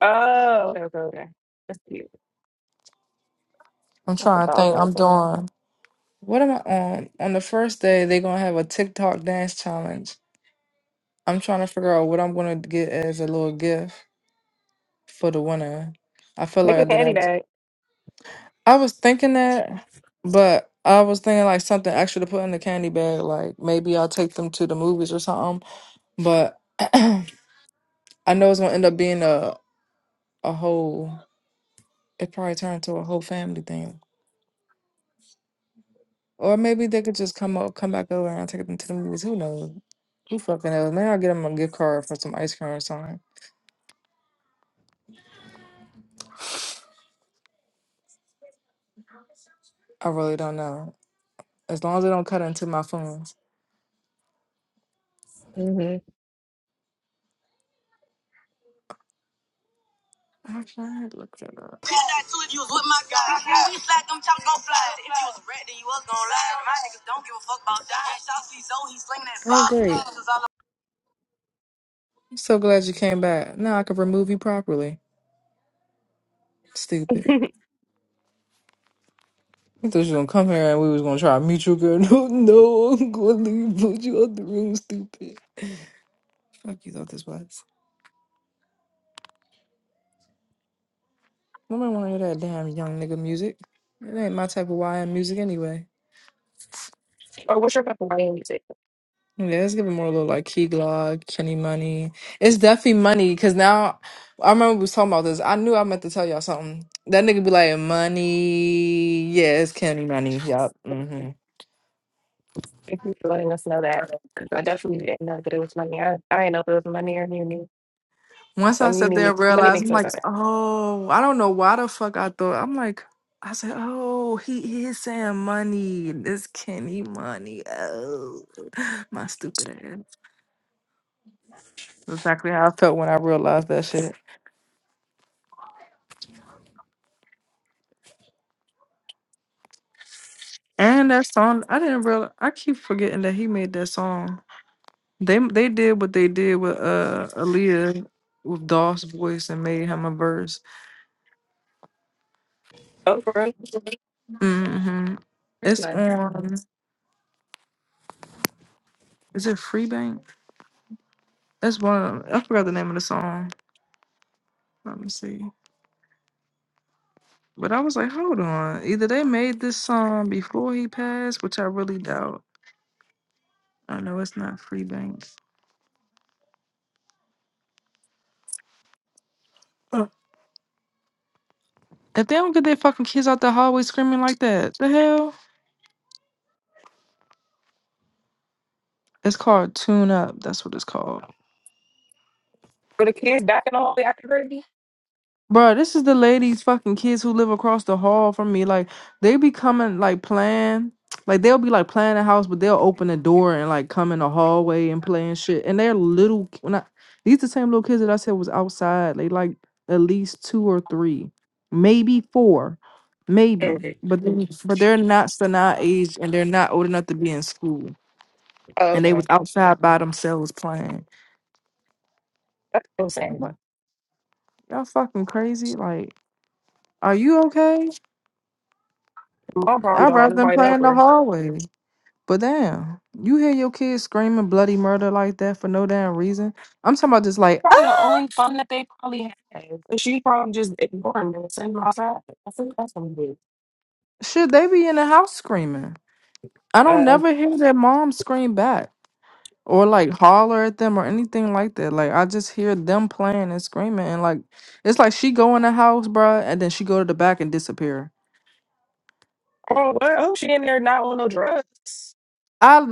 Speaker 2: Oh, okay, okay, okay. That's cute.
Speaker 3: I'm
Speaker 2: That's
Speaker 3: trying to
Speaker 2: about all
Speaker 3: think.
Speaker 2: I
Speaker 3: I'm
Speaker 2: want.
Speaker 3: doing. What am I on? On the first day, they're gonna have a TikTok dance challenge. I'm trying to figure out what I'm gonna get as a little gift for the winner. I feel
Speaker 2: Make
Speaker 3: like I
Speaker 2: a
Speaker 3: did.
Speaker 2: candy
Speaker 3: I,
Speaker 2: bag.
Speaker 3: I was thinking that, but I was thinking like something extra to put in the candy bag. Like maybe I'll take them to the movies or something. But I know it's gonna end up being a a whole. It probably turned into a whole family thing. Or maybe they could just come up, come back over, and i take them to the movies. Who knows? Who fucking knows? Maybe I'll get them a gift card for some ice cream or something. I really don't know. As long as it don't cut into my phones.
Speaker 2: Mm-hmm.
Speaker 3: Actually, I had looked it up.
Speaker 5: too if you was with my guy. We slack them chops gon' fly. If you was red, then you was gon' lie. My niggas don't give a fuck about that. Shots he's so he slinging that
Speaker 3: Oh, great.
Speaker 5: five.
Speaker 3: I'm so glad you came back. Now I can remove you properly. Stupid. I thought you were gonna come here and we was gonna try to meet you, girl. No, no, I'm gonna leave, put you out the room, stupid. Fuck you thought this was. Women wanna hear that damn young nigga music. It ain't my type of YM music anyway.
Speaker 2: Or what's your Hawaiian music?
Speaker 3: Yeah, it's giving more a little like Key Glock, Kenny Money. It's definitely money because now I remember we was talking about this. I knew I meant to tell y'all something. That nigga be like, money. Yeah, it's Kenny Money. Yup. hmm
Speaker 2: Thank you for letting us know that. Because I definitely didn't know that it was money. I, I didn't know if it was money or muni.
Speaker 3: Once I
Speaker 2: Um,
Speaker 3: sat
Speaker 2: muni
Speaker 3: there and
Speaker 2: make- money
Speaker 3: realized,
Speaker 2: makes
Speaker 3: I'm
Speaker 2: us
Speaker 3: like,
Speaker 2: better.
Speaker 3: oh, I don't know why the fuck I thought. I'm like, I said, oh, he he is saying money. It's Kenny Money. Oh, my stupid ass. Exactly how I felt when I realized that shit. And that song, I didn't realize. I keep forgetting that he made that song. They they did what they did with uh Aaliyah with Doss voice and made him a verse.
Speaker 2: Oh, for real?
Speaker 3: hmm
Speaker 2: That's
Speaker 3: It's
Speaker 2: nice.
Speaker 3: on. Is it Freebank? That's one. Of them. I forgot the name of the song. Let me see. But I was like, hold on. Either they made this song before he passed, which I really doubt. I know it's not Freebank. Uh, If they don't get their fucking kids out the hallway screaming like that, the hell? It's called Tune Up. That's what it's called.
Speaker 2: For the kids back in all the after baby?
Speaker 3: Bro, this is the ladies' fucking kids who live across the hall from me. Like they be coming, like playing, like they'll be like playing the house, but they'll open the door and like come in the hallway and play and shit. And they're little. When I these the same little kids that I said was outside. They like at least two or three, maybe four, maybe.
Speaker 2: Okay.
Speaker 3: But they, but they're not Sanaa age and they're not old enough to be in school.
Speaker 2: Oh,
Speaker 3: And they
Speaker 2: okay.
Speaker 3: was outside by themselves playing.
Speaker 2: That's what I'm
Speaker 3: What
Speaker 2: saying.
Speaker 3: y'all fucking crazy? Like, are you okay?
Speaker 2: Mom probably
Speaker 3: I'd
Speaker 2: don't have
Speaker 3: rather than
Speaker 2: nobody to
Speaker 3: play
Speaker 2: help
Speaker 3: in the
Speaker 2: her.
Speaker 3: hallway. But damn, you hear your kids screaming bloody murder like that for no damn reason. I'm talking about just like,
Speaker 2: Probably the
Speaker 3: ah,
Speaker 2: only fun that they probably had. But she probably just ignoring me and sending them outside. I think that's what I'm doing.
Speaker 3: should they be in the house screaming? I don't
Speaker 2: Uh,
Speaker 3: never hear their mom scream back or like holler at them or anything like that. Like I just hear them playing and screaming and like it's like she go in the house, bruh, and then she go to the back and disappear.
Speaker 2: oh, well, oh, she in there not on no drugs.
Speaker 3: I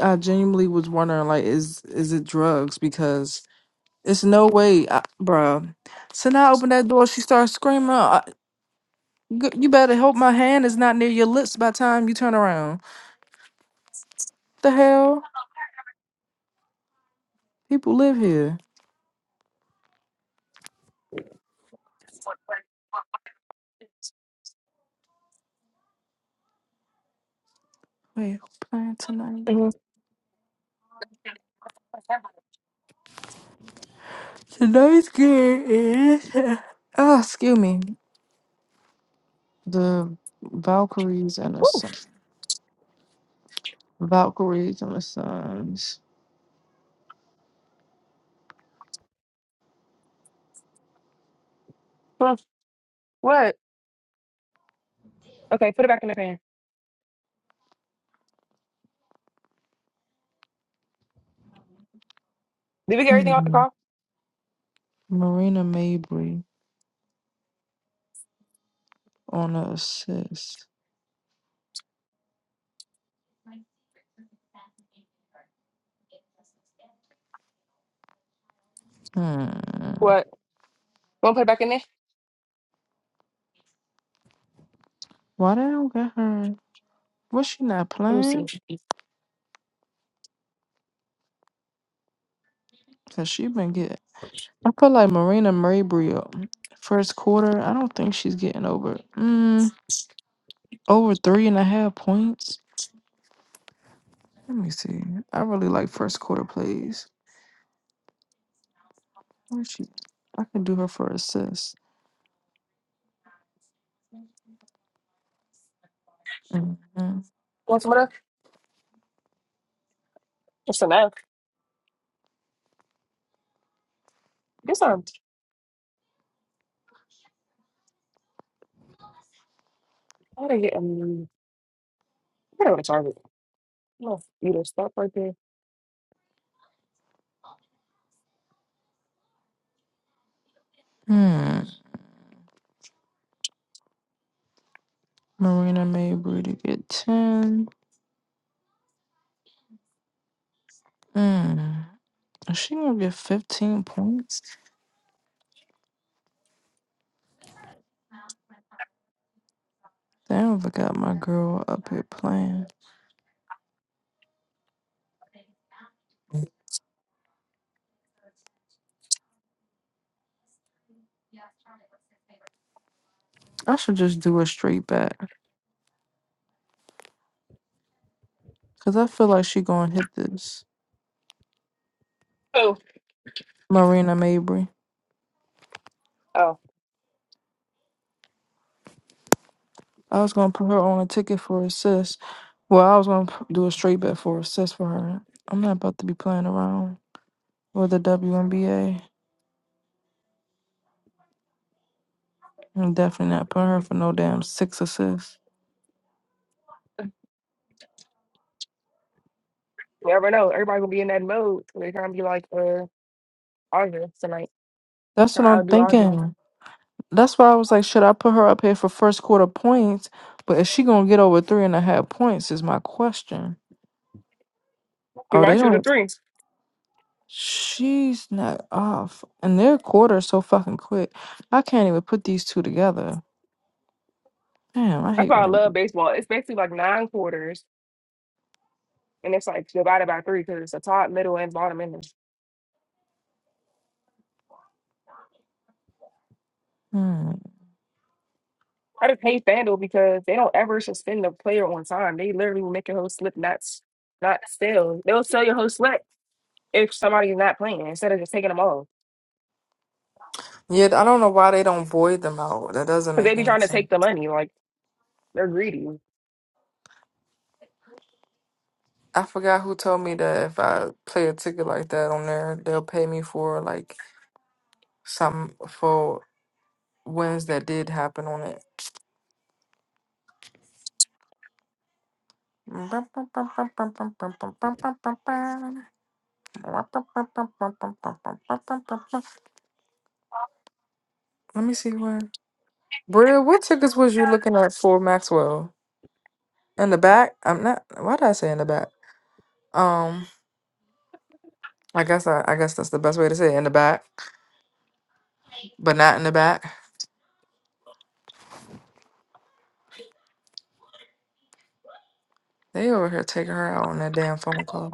Speaker 3: I genuinely was wondering like is is it drugs because It's no way, I, bruh. So now I open that door, she starts screaming. I, g- you better hope my hand is not near your lips by the time you turn around. The hell? People live here. Wait, who playing tonight?
Speaker 2: Mhm.
Speaker 3: Tonight's game is. Ah, excuse me. The Valkyries and the Sun.
Speaker 2: Oof.
Speaker 3: Valkyries and the Suns.
Speaker 2: Well, What? Okay, put it back in the pan. Did we get everything out the
Speaker 3: Hmm.
Speaker 2: car?
Speaker 3: Marina Mabry on the assist. Hmm.
Speaker 2: What? You want to put it back in there?
Speaker 3: Why they don't get her? Was she not
Speaker 2: Let me see.
Speaker 3: playing? Cause she been getting I feel like Marina Mabry first quarter. I don't think she's getting over mm, over three and a half points. Let me see. I really like first quarter plays. Where she? I could do her for assists. Mhm.
Speaker 2: Want some of that? That's enough. Get some. I gotta get um. I gotta go to Target. I'm gonna eat a stuff right there.
Speaker 3: Hmm. Marina Mabry to get ten. Hmm. Is she gonna get fifteen points? Damn, I got my girl up here playing. I should just do a straight back because I feel like she gonna hit this.
Speaker 2: Oh,
Speaker 3: Marina Mabry.
Speaker 2: oh.
Speaker 3: I was gonna put her on a ticket for assist. Well, I was gonna p- do a straight bet for assist for her. I'm not about to be playing around with the WNBA. I'm definitely not putting her for no damn six assists.
Speaker 2: You never know. Everybody gonna be in that mode. They're trying to be like uh Audra tonight.
Speaker 3: That's what I'm
Speaker 2: I'll do Audra.
Speaker 3: thinking. That's why I was like, should I put her up here for first quarter points? But is she gonna get over three and a half points? Is my question.
Speaker 2: You
Speaker 3: Oh, they
Speaker 2: might shoot a
Speaker 3: don't.
Speaker 2: three. That's
Speaker 3: She's not off, and their quarter so fucking quick. I can't even put these two together. Damn, I hate
Speaker 2: why
Speaker 3: when
Speaker 2: I
Speaker 3: they.
Speaker 2: love baseball. It's basically like nine quarters, and it's like divided by three because it's a top, middle, and bottom end.
Speaker 3: do.
Speaker 2: I just hate FanDuel because they don't ever suspend the player on time. They literally will make your whole slip not s- not sell. They'll sell your whole slip if somebody's not playing instead of just taking them off.
Speaker 3: Yeah, I don't know why they don't void them out. That doesn't
Speaker 2: Because they
Speaker 3: make
Speaker 2: be
Speaker 3: any
Speaker 2: trying to
Speaker 3: sense.
Speaker 2: take the money. Like they're greedy.
Speaker 3: I forgot who told me that if I play a ticket like that on there, they'll pay me for like some for wins that did happen on it. Let me see where. Bria, what tickets was you looking at for Maxwell? In the back? I'm not. Why did I say in the back? Um, I guess I, I guess that's the best way to say it, in the back, but not in the back. They over here taking her out on that damn phone call.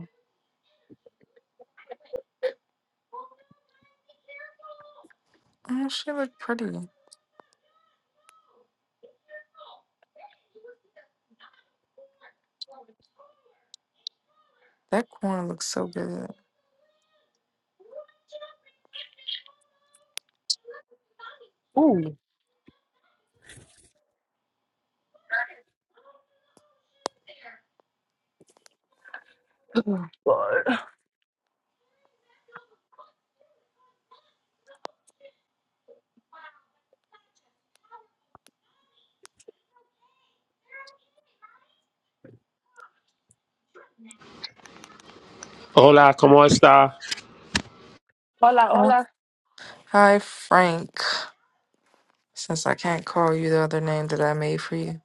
Speaker 3: Oh, she look pretty. That corn looks so good.
Speaker 2: Ooh, God.
Speaker 6: Hola, ¿cómo está?
Speaker 2: Hola,
Speaker 3: Huh?
Speaker 2: hola.
Speaker 3: Hi, Frank. Since I can't call you the other name that I made for you,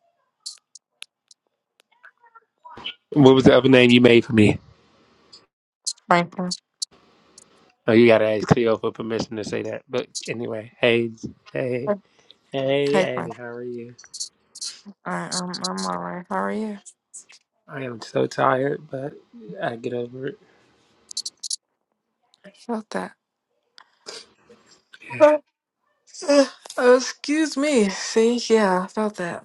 Speaker 6: What was the other name you made for me?
Speaker 3: Franklin.
Speaker 6: Oh, you gotta ask Cleo for permission to say that. But anyway, hey, hey, hey,
Speaker 3: Hey,
Speaker 6: Annie, how
Speaker 3: Franklin.
Speaker 6: are you?
Speaker 3: I, I'm I'm all right. How are you?
Speaker 6: I am so tired, but I get over it.
Speaker 3: Felt that.
Speaker 6: Yeah.
Speaker 3: Uh, uh, excuse me. See, yeah, I felt that.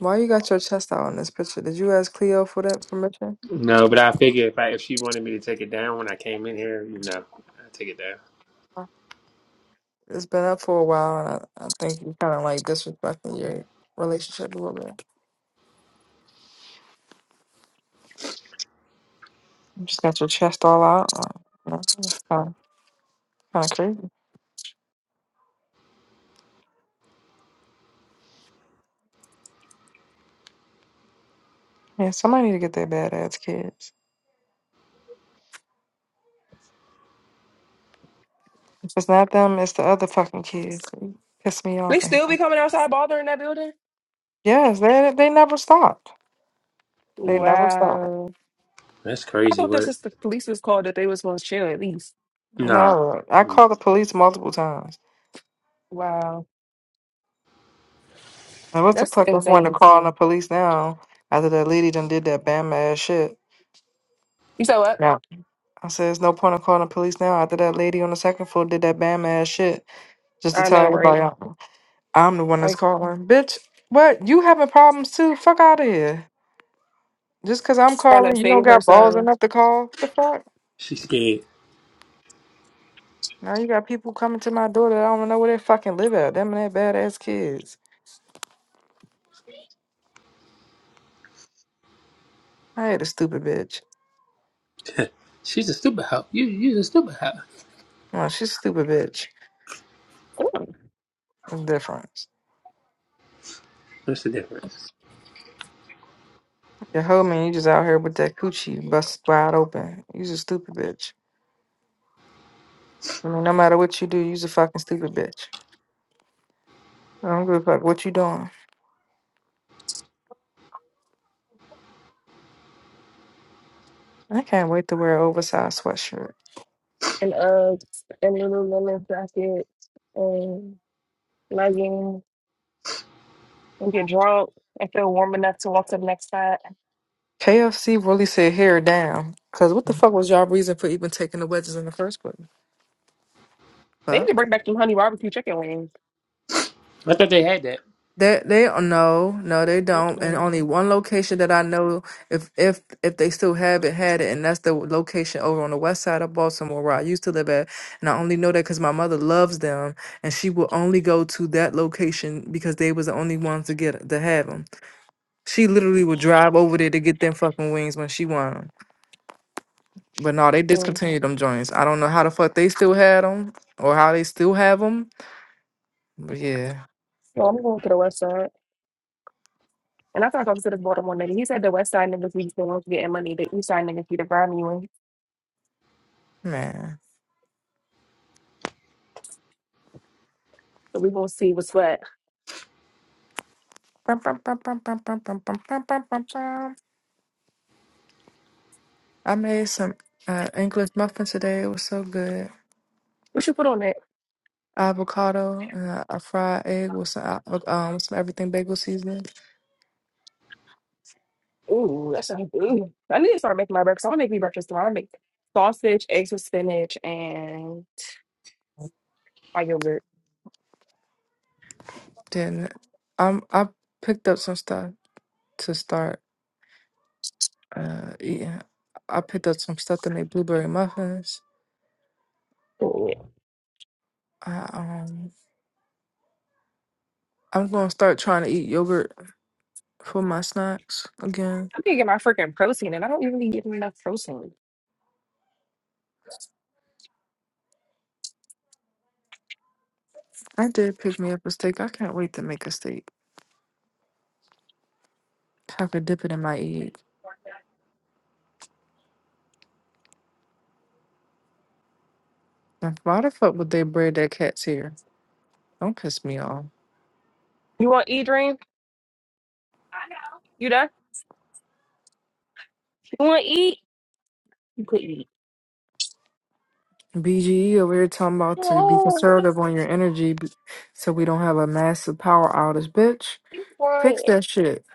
Speaker 3: Why you got your chest out in this picture? Did you ask Cleo for that permission?
Speaker 6: No, but I figure if I, if she wanted me to take it down when I came in here, you know, I take it down.
Speaker 3: Uh, It's been up for a while, and I, I think you kind of like disrespecting your relationship a little bit. You just got your chest all out. Like, you know, It's kind of, kind of crazy. Yeah, somebody need to get their badass kids. If it's not them, it's the other fucking kids. They piss me
Speaker 2: They
Speaker 3: off. right
Speaker 2: still be
Speaker 3: now.
Speaker 2: coming outside bothering that building.
Speaker 3: Yes, they they never stopped. They
Speaker 6: Mm.
Speaker 3: never stopped.
Speaker 2: Wow.
Speaker 6: That's
Speaker 2: I
Speaker 6: crazy
Speaker 2: thought this
Speaker 6: work.
Speaker 2: is the police was called that they was supposed to chill at least.
Speaker 6: Nah,
Speaker 3: No, I
Speaker 6: mm.
Speaker 3: called the police multiple times.
Speaker 2: Wow,
Speaker 3: And what's the
Speaker 2: that's
Speaker 3: fucking point of
Speaker 2: insane.
Speaker 3: calling the police now after that lady done did that bam ass shit?
Speaker 2: You said what?
Speaker 3: Yeah. I said, there's no point of calling the police now after that lady on the second floor did that bam ass shit just to
Speaker 2: I
Speaker 3: tell
Speaker 2: know, right?
Speaker 3: everybody. I'm the one that's
Speaker 2: Like
Speaker 3: calling. Bitch, what? You having problems too? Fuck out of here. Just because I'm
Speaker 2: she's trying to
Speaker 3: calling, you don't
Speaker 2: save
Speaker 3: got balls
Speaker 2: herself.
Speaker 3: enough to call? What the fuck?
Speaker 6: she's scared.
Speaker 3: Now you got people coming to my door that I don't know where they fucking live at. Them and that badass kids. I hate a stupid bitch.
Speaker 6: She's a stupid hoe. You, you're a stupid hoe.
Speaker 3: Well, she's a stupid bitch. That's the difference.
Speaker 6: What's the difference?
Speaker 3: Your hoe man, you just out here with that coochie bust wide open. You's a stupid bitch. I mean, no matter what you do, you's a fucking stupid bitch. I don't give a fuck what you doing. I can't wait to wear an oversized sweatshirt.
Speaker 2: and Uggs and Lululemon jacket and leggings and get drunk and feel warm enough to walk to the next side.
Speaker 3: KFC really said hair down. Cause what the fuck was y'all reason for even taking the wedges in the first place?
Speaker 2: They need
Speaker 3: Fuck.
Speaker 2: to bring back some honey barbecue chicken wings.
Speaker 6: I thought they had that.
Speaker 3: They they no no they don't and
Speaker 2: Mm-mm.
Speaker 3: only one location that I know if if if they still have it had it and that's the location over on the west side of Baltimore where I used to live at and I only know that because my mother loves them and she will only go to that location because they was the only ones to get to have them. She literally would drive over there to get them fucking wings when she won. But no, they
Speaker 2: mm
Speaker 3: discontinued them joints. I don't know how the fuck they still had them or how they still have them. But yeah,
Speaker 2: So I'm going to the west side. And I started talking to this Baltimore nigga. He said the west side niggas be still getting money. The east side niggas be the grimy ones.
Speaker 3: man.
Speaker 2: So we gonna see what's what.
Speaker 3: I made some uh, English muffin today. It was so good.
Speaker 2: What you put on that?
Speaker 3: Avocado and a, a fried egg with some uh, um some everything bagel seasoning.
Speaker 2: Ooh, that's a, ooh. I need to start making my breakfast. I want to make me breakfast tomorrow. I make sausage, eggs with spinach, and my yogurt.
Speaker 3: Then I'm I picked up some stuff to start uh eating. I picked up some stuff to make blueberry muffins. I um I'm gonna start trying to eat yogurt for my snacks again.
Speaker 2: I need to get my freaking protein, and I don't even be getting enough protein.
Speaker 3: I did pick me up a steak. I can't wait to make a steak. I could dip it in my egg. Now, Why the fuck would they braid their cat's hair? Don't piss me off.
Speaker 2: You want to eat, Dream? You done? You want to eat? You could eat.
Speaker 3: BGE over here talking about to be
Speaker 2: No, why are
Speaker 3: conservative on your energy b- so we don't have a massive power outage, bitch.
Speaker 2: you
Speaker 3: Fix
Speaker 2: crying?
Speaker 3: that shit.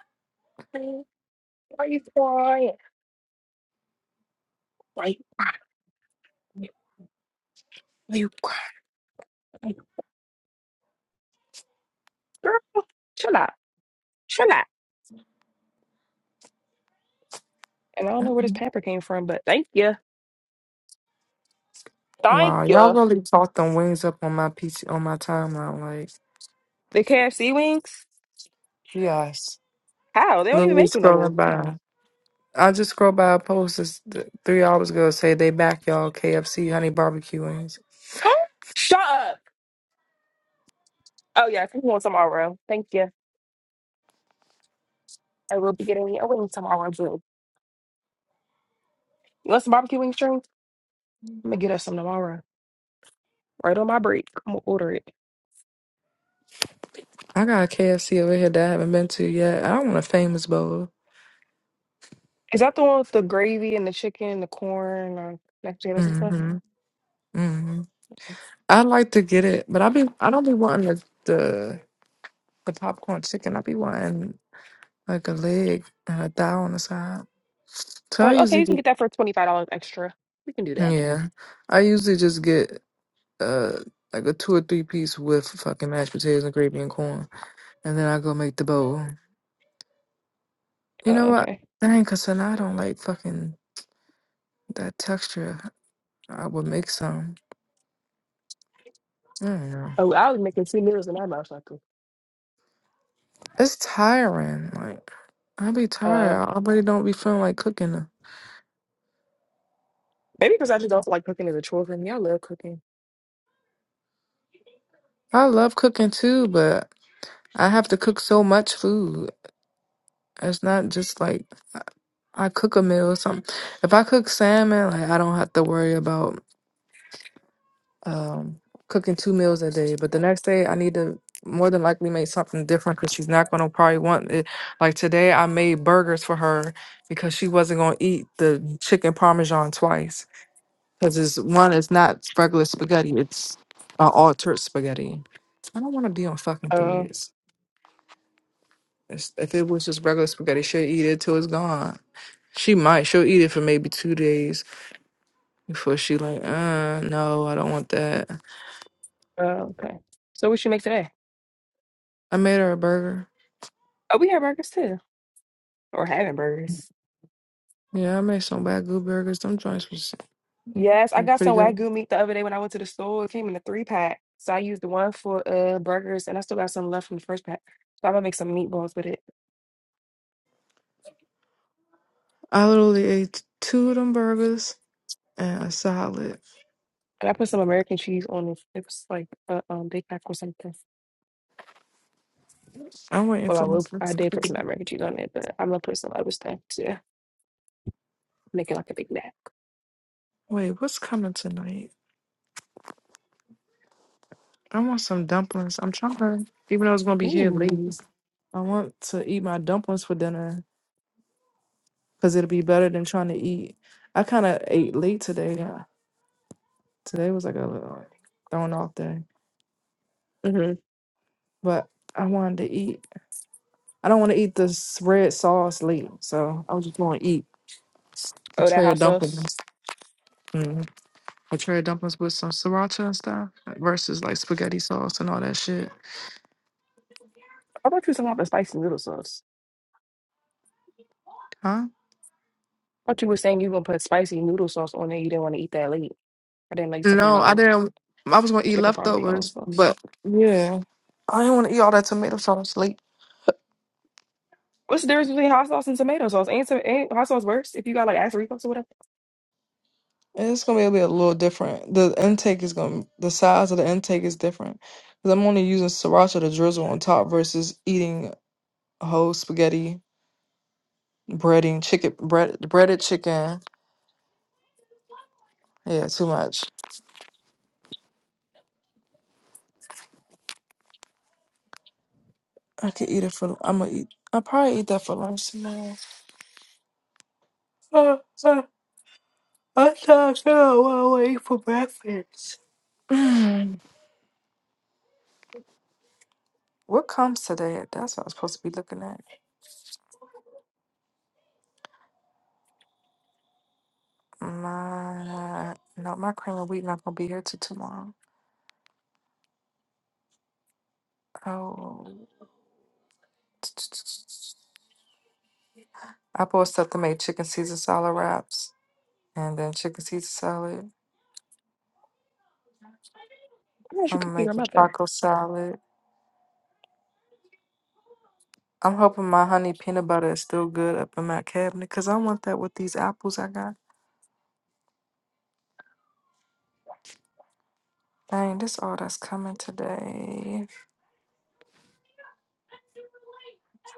Speaker 2: Why are you crying? Why are you crying? Why you crying? Girl, chill out. Chill out. And I don't know where this pepper came from, but thank you. Thank
Speaker 3: Wow, y'all
Speaker 2: you.
Speaker 3: really talked them wings up on my PC on my timeline. Like,
Speaker 2: The KFC wings?
Speaker 3: yes,
Speaker 2: How? They don't even
Speaker 3: literally
Speaker 2: make them no more.
Speaker 3: scrolling by. I just scrolled by a post this, th- three hours ago say they back y'all KFC honey barbecue wings.
Speaker 2: Huh? Shut up. Oh, yeah. If you want some tomorrow, thank you. I will be getting me a wing tomorrow, too. You want some barbecue wings, Dream? I'm going to get us some tomorrow. Right on my break. I'm gonna order it.
Speaker 3: I got a KFC over here that I haven't been to yet. I want a famous bowl.
Speaker 2: Is that the one with the gravy and the chicken and the corn and mashed potatoes and stuff?
Speaker 3: hmm hmm I'd like to get it, but I be I don't be wanting the the, the popcorn chicken. I be wanting like a leg and a thigh on the side. So
Speaker 2: I'm
Speaker 3: I
Speaker 2: like, okay,
Speaker 3: usually
Speaker 2: you can
Speaker 3: just
Speaker 2: get that for twenty five dollars extra. We can do that.
Speaker 3: yeah, I usually just get uh like a two or three piece with fucking mashed potatoes and gravy and corn, and then I go make the bowl. You
Speaker 2: Oh,
Speaker 3: know what?
Speaker 2: okay.
Speaker 3: Dang, cause then I don't like fucking that texture. I would make some. I don't know.
Speaker 2: Oh, I was making two meals in that motherfucker.
Speaker 3: It's tiring. Like I be
Speaker 2: Uh,
Speaker 3: tired. I already don't be feeling like cooking.
Speaker 2: maybe because I just also like cooking as a chore for me. I love cooking.
Speaker 3: I love cooking too, but I have to cook so much food. It's not just like I I cook a meal or something. If I cook salmon, like I don't have to worry about. um, cooking two meals a day. But the next day, I need to more than likely make something different because she's not going to probably want it. Like today, I made burgers for her because she wasn't going to eat the chicken parmesan twice because it's one, it's not regular spaghetti, it's uh, altered spaghetti. I don't want to be on fucking
Speaker 2: Uh,
Speaker 3: threes. It's- If it was just regular spaghetti, she'll eat it till it's gone. She might. She'll eat it for maybe two days before she like, uh, no, I don't want that.
Speaker 2: uh, okay. So what should make today?
Speaker 3: I made her a burger.
Speaker 2: Oh, we have burgers too, or having burgers.
Speaker 3: Yeah, I made some bad good burgers. Them joints was
Speaker 2: Yes, I
Speaker 3: was
Speaker 2: got
Speaker 3: pretty
Speaker 2: some
Speaker 3: good.
Speaker 2: wagyu meat the other day when I went to the store. It came in a three pack, so I used the one for uh burgers, and I still got some left from the first pack. So I'm gonna make some meatballs with it.
Speaker 3: I literally ate two of them burgers and a salad.
Speaker 2: And I put some American cheese on it. It was like a um, Big Mac or something.
Speaker 3: I'm waiting
Speaker 2: Well, I
Speaker 3: for my
Speaker 2: will. I
Speaker 3: sister.
Speaker 2: did put some American cheese on it, but I'm gonna put some other stuff to make it like a Big Mac.
Speaker 3: Wait, what's coming tonight? I want some dumplings. I'm trying to, even though it's gonna be here late,
Speaker 2: Ooh.
Speaker 3: I want to eat my dumplings for dinner because it'll be better than trying to eat. I kind of ate late today. Yeah, today was like a little like, thrown off day,
Speaker 2: hmm
Speaker 3: but I wanted to eat. I don't want to eat this red sauce late, so I was just gonna eat A
Speaker 2: Oh, that
Speaker 3: tray
Speaker 2: hot
Speaker 3: of
Speaker 2: sauce.
Speaker 3: dumplings. Mm. A tray of dumplings with some sriracha and stuff versus like spaghetti sauce and all that shit.
Speaker 2: I thought you were talking about the spicy noodle sauce.
Speaker 3: Huh?
Speaker 2: I thought you were saying you were gonna put spicy noodle sauce on it. You didn't want to eat that late. I didn't know you was talking
Speaker 3: No, I
Speaker 2: about
Speaker 3: didn't. I was gonna eat
Speaker 2: chicken parmesan
Speaker 3: leftovers,
Speaker 2: sauce.
Speaker 3: but yeah, I didn't want to eat all that tomato sauce late.
Speaker 2: What's the difference between hot sauce and tomato sauce? Ain't, to- ain't hot sauce worse if you got like Doritos or whatever?
Speaker 3: And It's gonna be a, bit, a little different. The intake is gonna, the size of the intake is different because I'm only using sriracha to drizzle on top versus eating whole spaghetti, breading, chicken, bread, breaded chicken. Yeah, too much. I could eat it for. I'm gonna eat. I'll probably eat that for lunch tomorrow. Uh, mm, what comes today? That's what I was supposed to be looking at. My no, my cream of wheat not gonna be here till tomorrow. Oh, I bought stuff to make chicken Caesar salad wraps, and then chicken Caesar salad.
Speaker 2: Why don't you cook
Speaker 3: I'm
Speaker 2: with your
Speaker 3: making
Speaker 2: mother?
Speaker 3: taco salad. I'm hoping my honey peanut butter is still good up in my cabinet, cause I want that with these apples I got. Dang, this all that's coming today.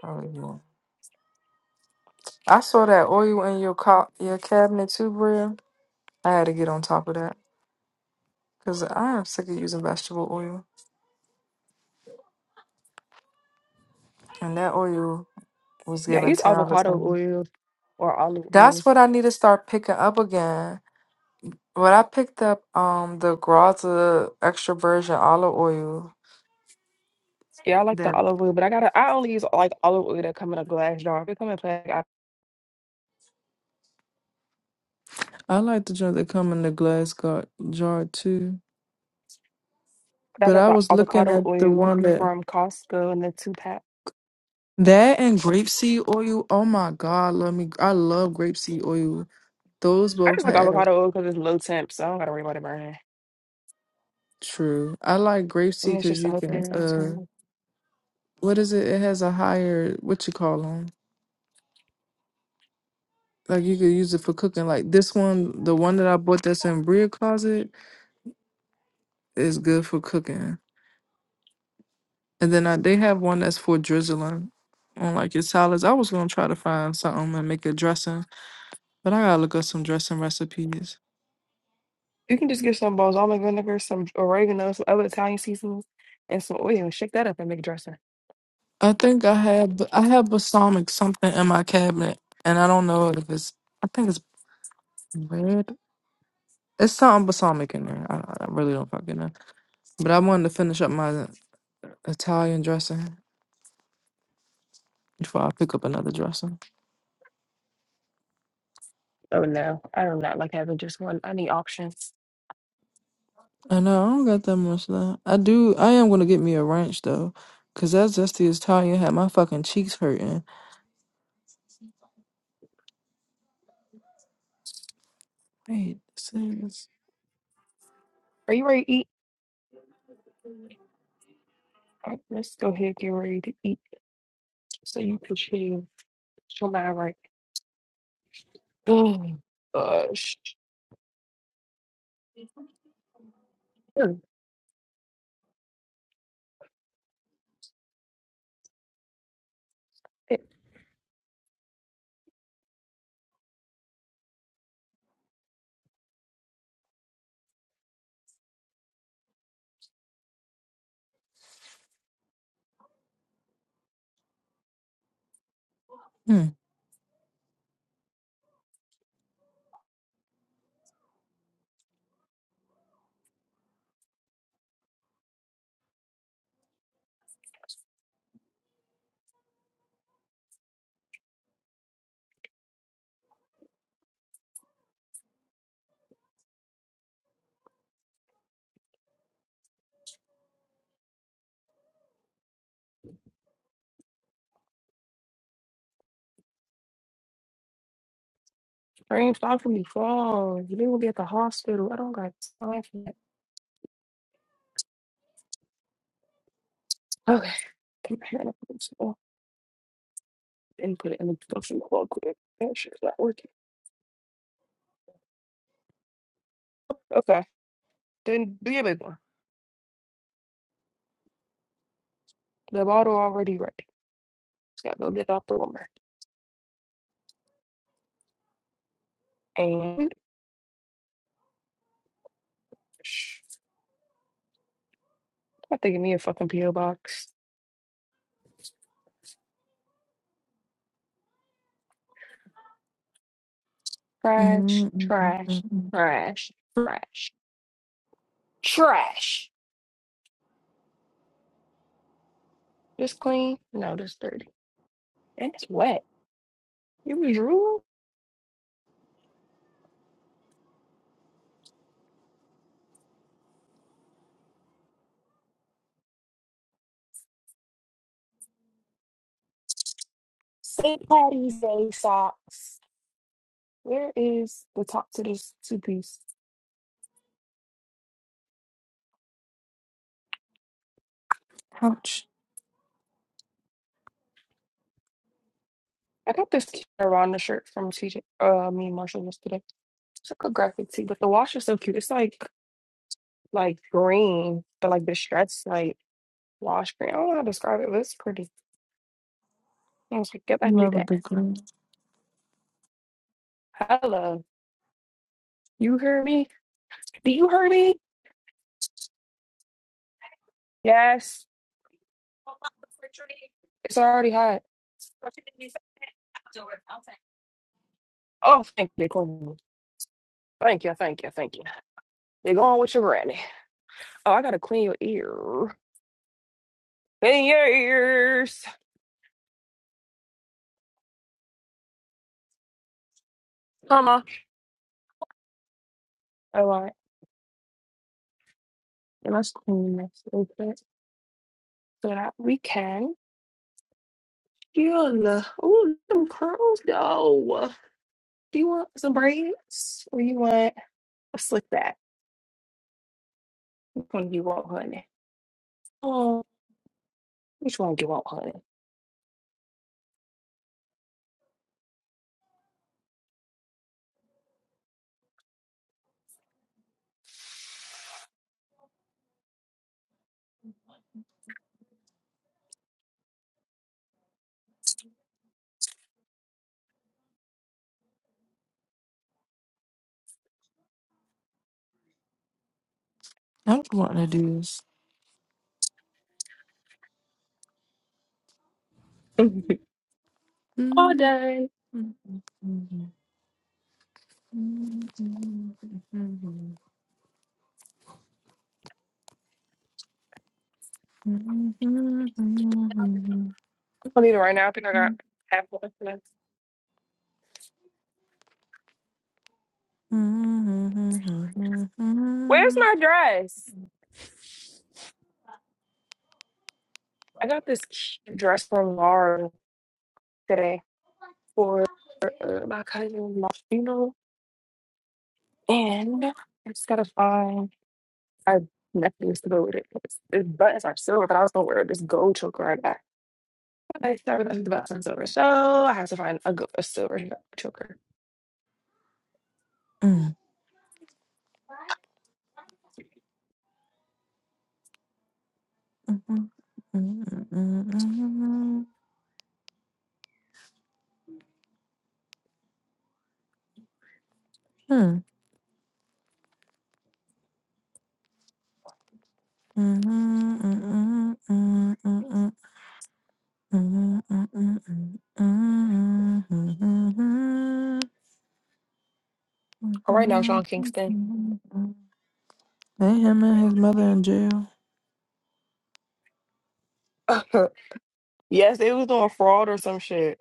Speaker 3: Hallelujah. I saw that oil in your co- your cabinet too, Bria. I had to get on top of that because I am sick of using vegetable oil, and that oil was
Speaker 2: Yeah,
Speaker 3: given
Speaker 2: use
Speaker 3: ten out of
Speaker 2: avocado
Speaker 3: ten.
Speaker 2: oil or olive oil.
Speaker 3: That's what I need to start picking up again. But I picked up um the Graza extra virgin olive oil.
Speaker 2: Yeah, I like the
Speaker 3: That
Speaker 2: olive oil, but I gotta I only use like olive oil that come in a glass jar. If it come in a pack, I,
Speaker 3: I like the joint that come in the glass gar- jar too.
Speaker 2: I
Speaker 3: But
Speaker 2: got
Speaker 3: I
Speaker 2: the
Speaker 3: was looking
Speaker 2: avocado
Speaker 3: at the
Speaker 2: oil
Speaker 3: one that
Speaker 2: from Costco in the two pack.
Speaker 3: that and grapeseed oil. Oh my God, love me! I love grapeseed oil. Those
Speaker 2: I
Speaker 3: both
Speaker 2: just like
Speaker 3: have.
Speaker 2: avocado oil because it's low temp, so I don't gotta worry about it burning.
Speaker 3: True. I like grape
Speaker 2: And
Speaker 3: seed
Speaker 2: it's
Speaker 3: because
Speaker 2: just a
Speaker 3: you
Speaker 2: hook
Speaker 3: can
Speaker 2: there. that's
Speaker 3: uh
Speaker 2: all.
Speaker 3: what is it? It has a higher what you call them? Like you could use it for cooking. Like this one, the one that I bought that's in Bria closet is good for cooking. And then I, they have one that's for drizzling on like your salads. I was gonna try to find something and make a dressing, but I gotta look up some dressing recipes.
Speaker 2: You can just get some balsamic vinegar, some oregano, some other Italian seasonings, and some oil and shake that up and make dressing.
Speaker 3: I think I have I have balsamic something in my cabinet, and I don't know if it's I think it's red. It's something balsamic in there. I, I really don't fucking know. But I wanted to finish up my Italian dressing before I pick up another dressing.
Speaker 2: Oh no, I do not like having just one. I need options.
Speaker 3: I know I don't got that much left. I do. I am gonna get me a ranch though, cause that zesty Italian had my fucking cheeks hurting. Wait, this is.
Speaker 2: Are you ready to eat? All right, let's go ahead and get ready to eat so you can chill. Chill my right. Oh gosh. It
Speaker 3: Hmm.
Speaker 2: rained off from me fall. You didn't be at the hospital. I don't got time for that. Okay. Compare and put it in the fucking plug quick. That shit's not working. Okay. Then do your big one. The bottle already ready. Just gotta go get it off the woman. And sh- I think of me a fucking PO box. Trash,
Speaker 3: Mm, mm, mm, mm,
Speaker 2: trash,
Speaker 3: mm.
Speaker 2: trash, trash, trash. This clean? No, this dirty. And it's wet. You was rude. St. Patty's Day socks. Where is the top to this two piece?
Speaker 3: Ouch.
Speaker 2: I got this cute Aranda shirt from TJ, uh, me and Marshall yesterday. It's like a graphic tee, but the wash is so cute. It's like like green, but like the stretch like wash green. I don't know how to describe it, but it's pretty. I was like, yep, I need that. Hello, you hear me? Do you hear me? Yes. It's already hot. Oh, thank you, Queen. Thank you, thank you, thank you. You're going with your granny. Oh, I gotta clean your ear. Years. Come on. All right. And let's clean this real quick so that we can chill. Ooh, them curls though. Do you want some braids or you want a slick back? Which one do you want, honey? Oh, which one do you want,
Speaker 3: I don't want to do this.
Speaker 2: honey? All
Speaker 3: Mm,
Speaker 2: done.
Speaker 3: mm, mm, mm, mm, mm,
Speaker 2: I need it right now. I think I got half one left.
Speaker 3: mm, mm, mm,
Speaker 2: Where's
Speaker 3: mm,
Speaker 2: my dress? I got this cute dress from Laura today for uh, my cousin Martino, and I just gotta find. I definitely used to go with it. It's, its buttons are silver, but I was gonna wear this gold choker. I got. I started with the buttons silver, so I have to find a, go- a silver choker.
Speaker 3: mm. Mhm. Mhm. Mhm.
Speaker 2: All right, now Sean Kingston.
Speaker 3: Hey, him and his mother in jail.
Speaker 2: yes, they was doing fraud or some shit.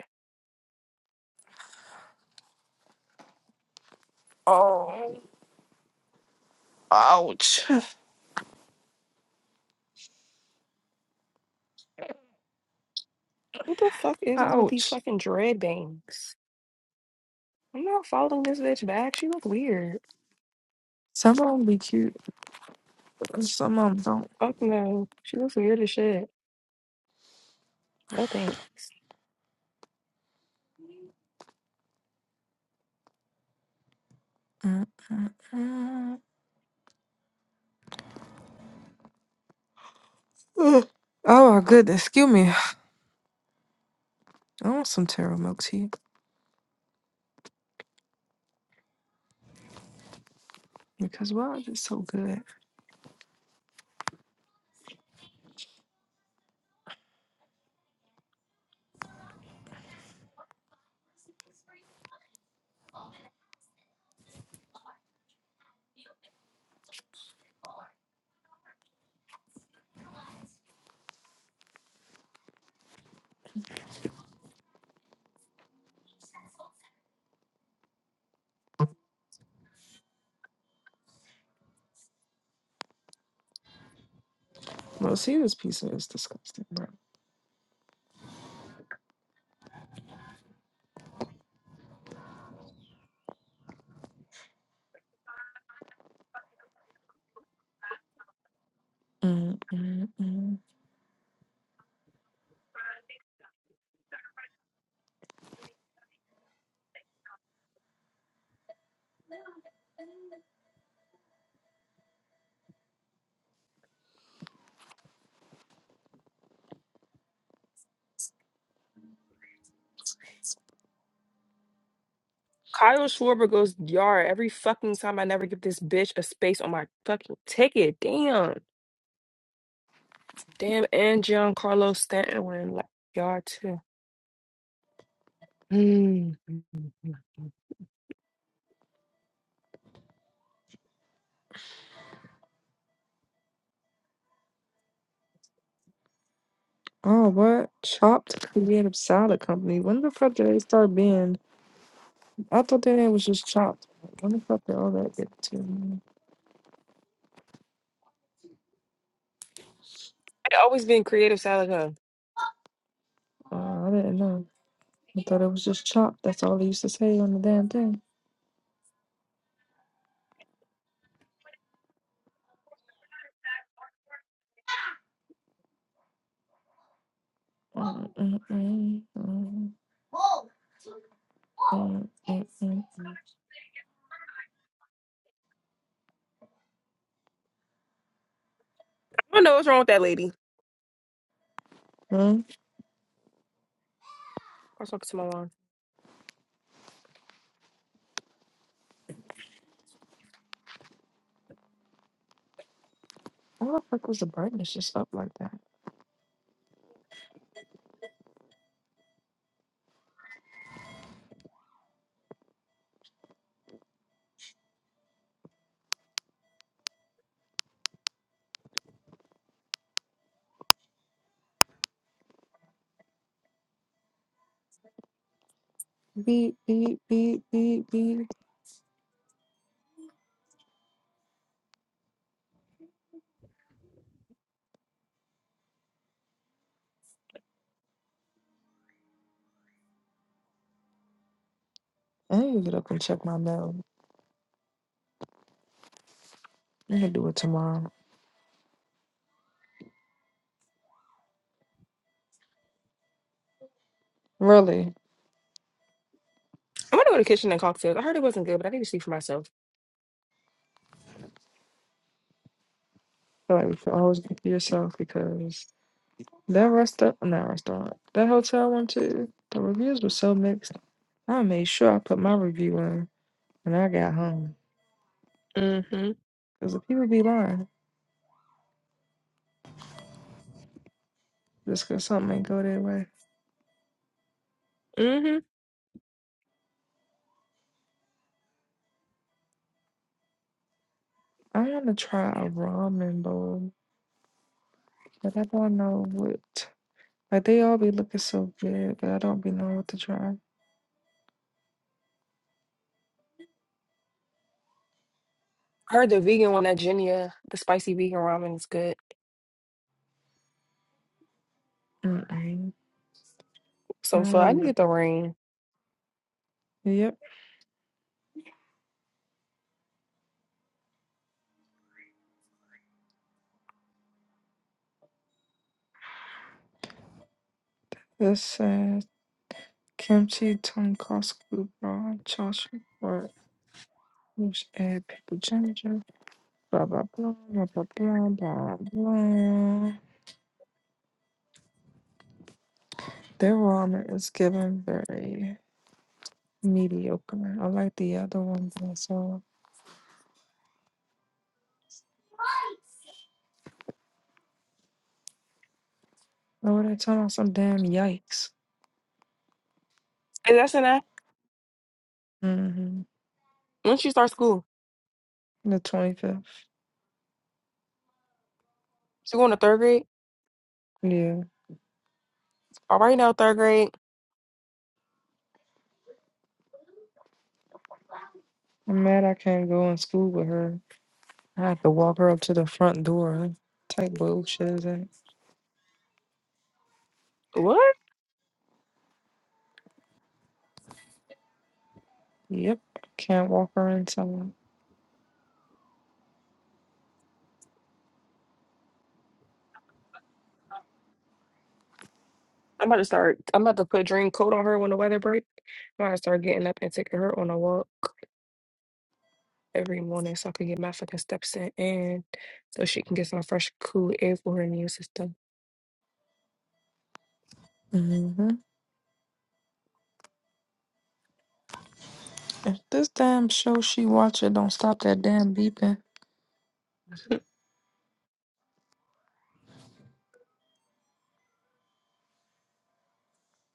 Speaker 3: Oh, ouch.
Speaker 2: What the fuck is this with these
Speaker 3: Ouch.
Speaker 2: fucking dread bangs? I'm not following this bitch back. She look weird.
Speaker 3: Some of them be cute, but some of them don't.
Speaker 2: Fuck no, she looks weird as shit. No thanks.
Speaker 3: Mm-mm-mm. Ugh. Oh, my goodness. Excuse me. I want some taro milk tea because why is it so good? Well, see, this pizza is disgusting, Mm, mm, mm.
Speaker 2: Kyle Schwarber goes yard every fucking time. I never give this bitch a space on my fucking ticket. Damn. Damn, and Giancarlo Stanton were in like yard too. Mm. I
Speaker 3: Oh, what? Chopped Creative Salad Company. When the fuck did they start being? I thought their name was just Chopped. When the fuck did all that get to?
Speaker 2: always been creative side like her.
Speaker 3: Uh, I didn't know. I thought it was just Chopped. That's all they used to say on the damn thing. Mm, mm, mm, mm, mm, mm, mm.
Speaker 2: I don't know what's wrong with that lady. I
Speaker 3: Hmm?
Speaker 2: was talking to my mom.
Speaker 3: Why the fuck was the brightness just up like that? Beep, beep, beep, beep, beep. I need to get up and check my mail. I'm gonna do it tomorrow. Really?
Speaker 2: I'm gonna go to the kitchen and cocktails. I heard it wasn't good, but I need to see for myself.
Speaker 3: I feel like you should always be yourself because. That restaurant, not restaurant, that hotel one too. the reviews were so mixed. I made sure I put my review in when I got home.
Speaker 2: Mm-hmm.
Speaker 3: Because the people be lying just because something ain't go their way.
Speaker 2: Mm-hmm.
Speaker 3: I want to try a ramen bowl, but I don't know what. Like, they all be looking so good, but I don't be knowing what to try.
Speaker 2: I heard the vegan one at Genia, the spicy vegan ramen is good.
Speaker 3: Mm-mm. I
Speaker 2: So
Speaker 3: don't
Speaker 2: fun. I
Speaker 3: want to.
Speaker 2: needed the ring.
Speaker 3: Yep, this says kimchi tonkatsu raw chashu or which add pickled ginger. Blah blah blah blah blah blah blah. blah. Their ramen is given very mediocre. I like the other ones I saw. Oh, they're talking about some damn yikes.
Speaker 2: Is that in that?
Speaker 3: hmm
Speaker 2: When she start school?
Speaker 3: The twenty fifth.
Speaker 2: She going to third grade?
Speaker 3: Yeah,
Speaker 2: All right now, third grade.
Speaker 3: I'm mad I can't go in school with her. I have to walk her up to the front door. Type bullshit is that?
Speaker 2: What?
Speaker 3: Yep, can't walk her inside.
Speaker 2: I'm about to start. I'm about to put dream coat on her when the weather break. I'm about to start getting up and taking her on a walk. every morning so I can get my fucking steps in and so she can get some fresh, cool air for her immune system.
Speaker 3: hmm If this damn show she watching don't stop that damn beeping.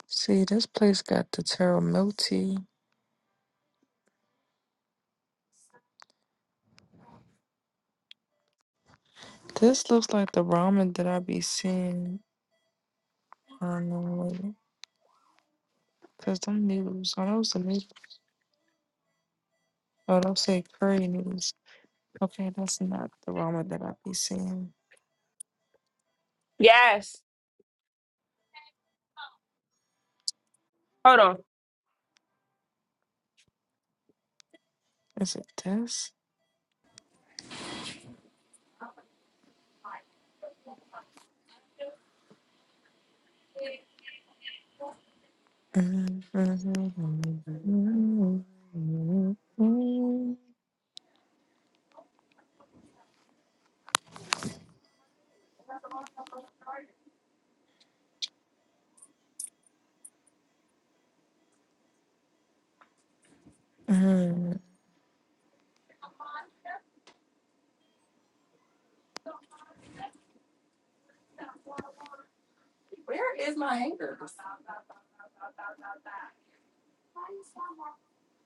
Speaker 3: See, this place got the Terra Milk tea. This looks like the ramen that I be seeing on the way. Cause them noodles, are those the noodles? Oh, those say curry noodles. Okay, that's not the ramen that I be seeing.
Speaker 2: Yes. Hold on.
Speaker 3: Is it this?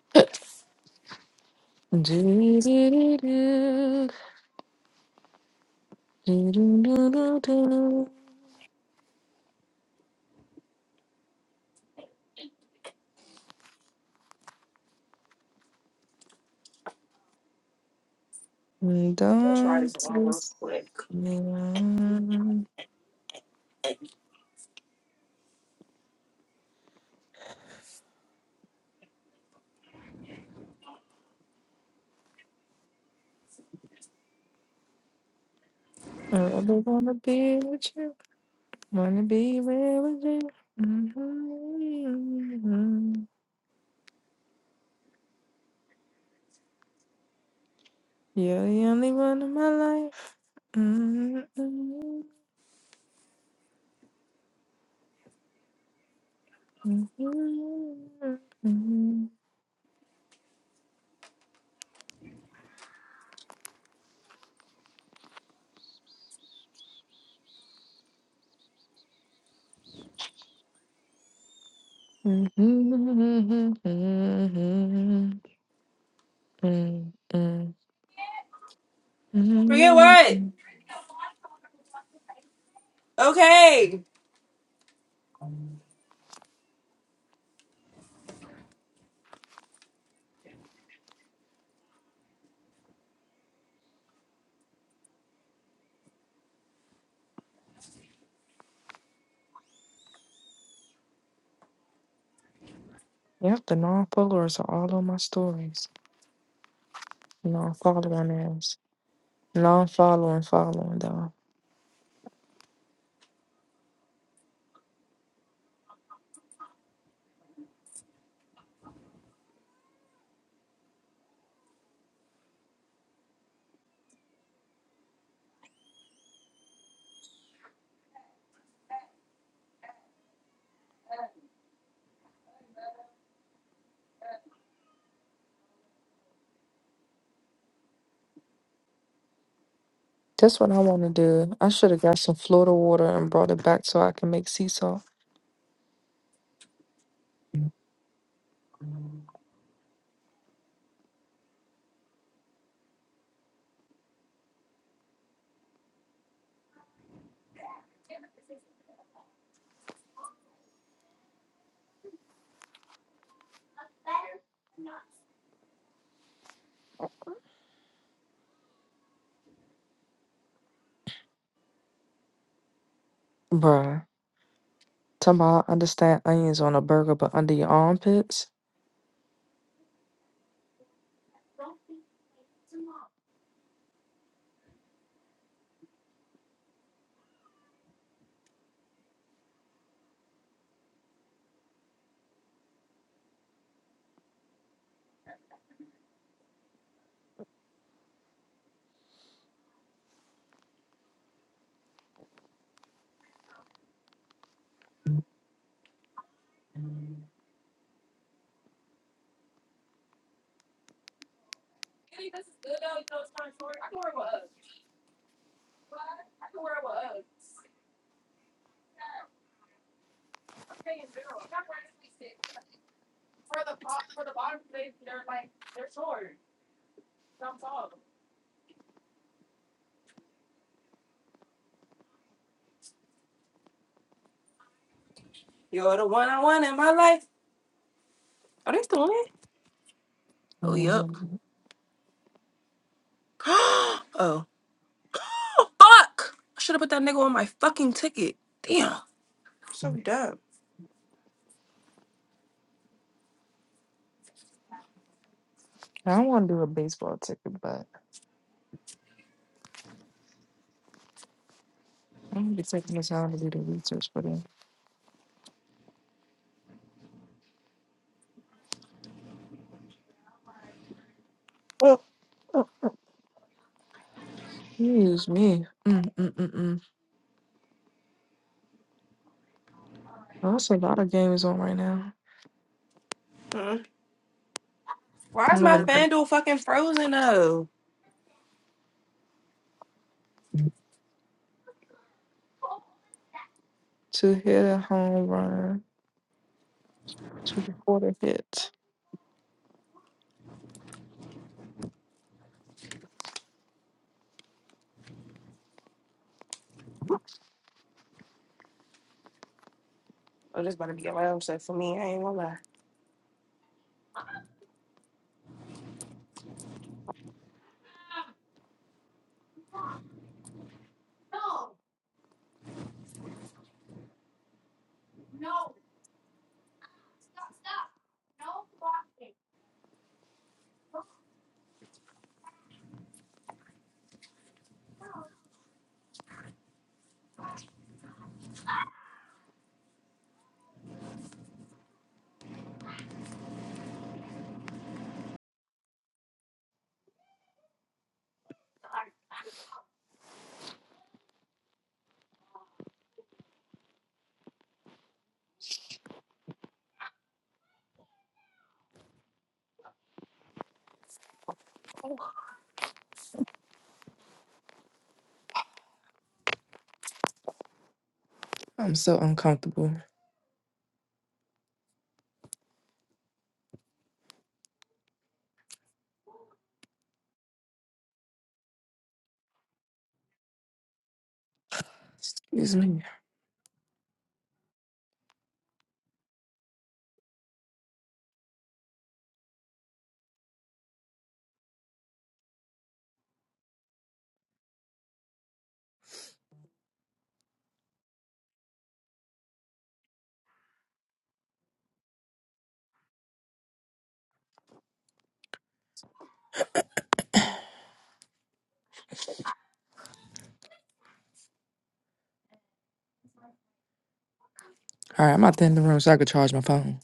Speaker 2: I'll try
Speaker 3: Don't
Speaker 2: this on real
Speaker 3: twist
Speaker 2: quick.
Speaker 3: me. around. I really wanna be with you. Wanna be with you? hmm You're the only one in my life. Mm-hmm.
Speaker 2: Forget what? Okay.
Speaker 3: Yep, the non-followers are all on my stories. Non-following is non-following, following though. That's what I want to do. I should have got some Florida water and brought it back so I can make sea salt. Bruh. Talking about I understand onions on a burger, but under your armpits.
Speaker 2: You're the one I want in my life. Are they still on it? Oh, yep.
Speaker 3: Mhm.
Speaker 2: oh. Oh, Fuck! I should have put that nigga on my fucking ticket. Damn. So dumb.
Speaker 3: I don't want to do a baseball ticket, but I'm gonna be taking the time to do the research for them. Oh, oh, excuse me. Mm, mm, mm, mm. Oh, That's a lot of games on right now.
Speaker 2: Mm. Why is
Speaker 3: I'm
Speaker 2: my
Speaker 3: looking for
Speaker 2: FanDuel fucking frozen though?
Speaker 3: two hit a home run, two quarter hits.
Speaker 2: Oh, this about to be a round set for me. I ain't gonna lie.
Speaker 3: I'm so uncomfortable. Excuse me. All right, I'm out there in the room so I could charge my phone.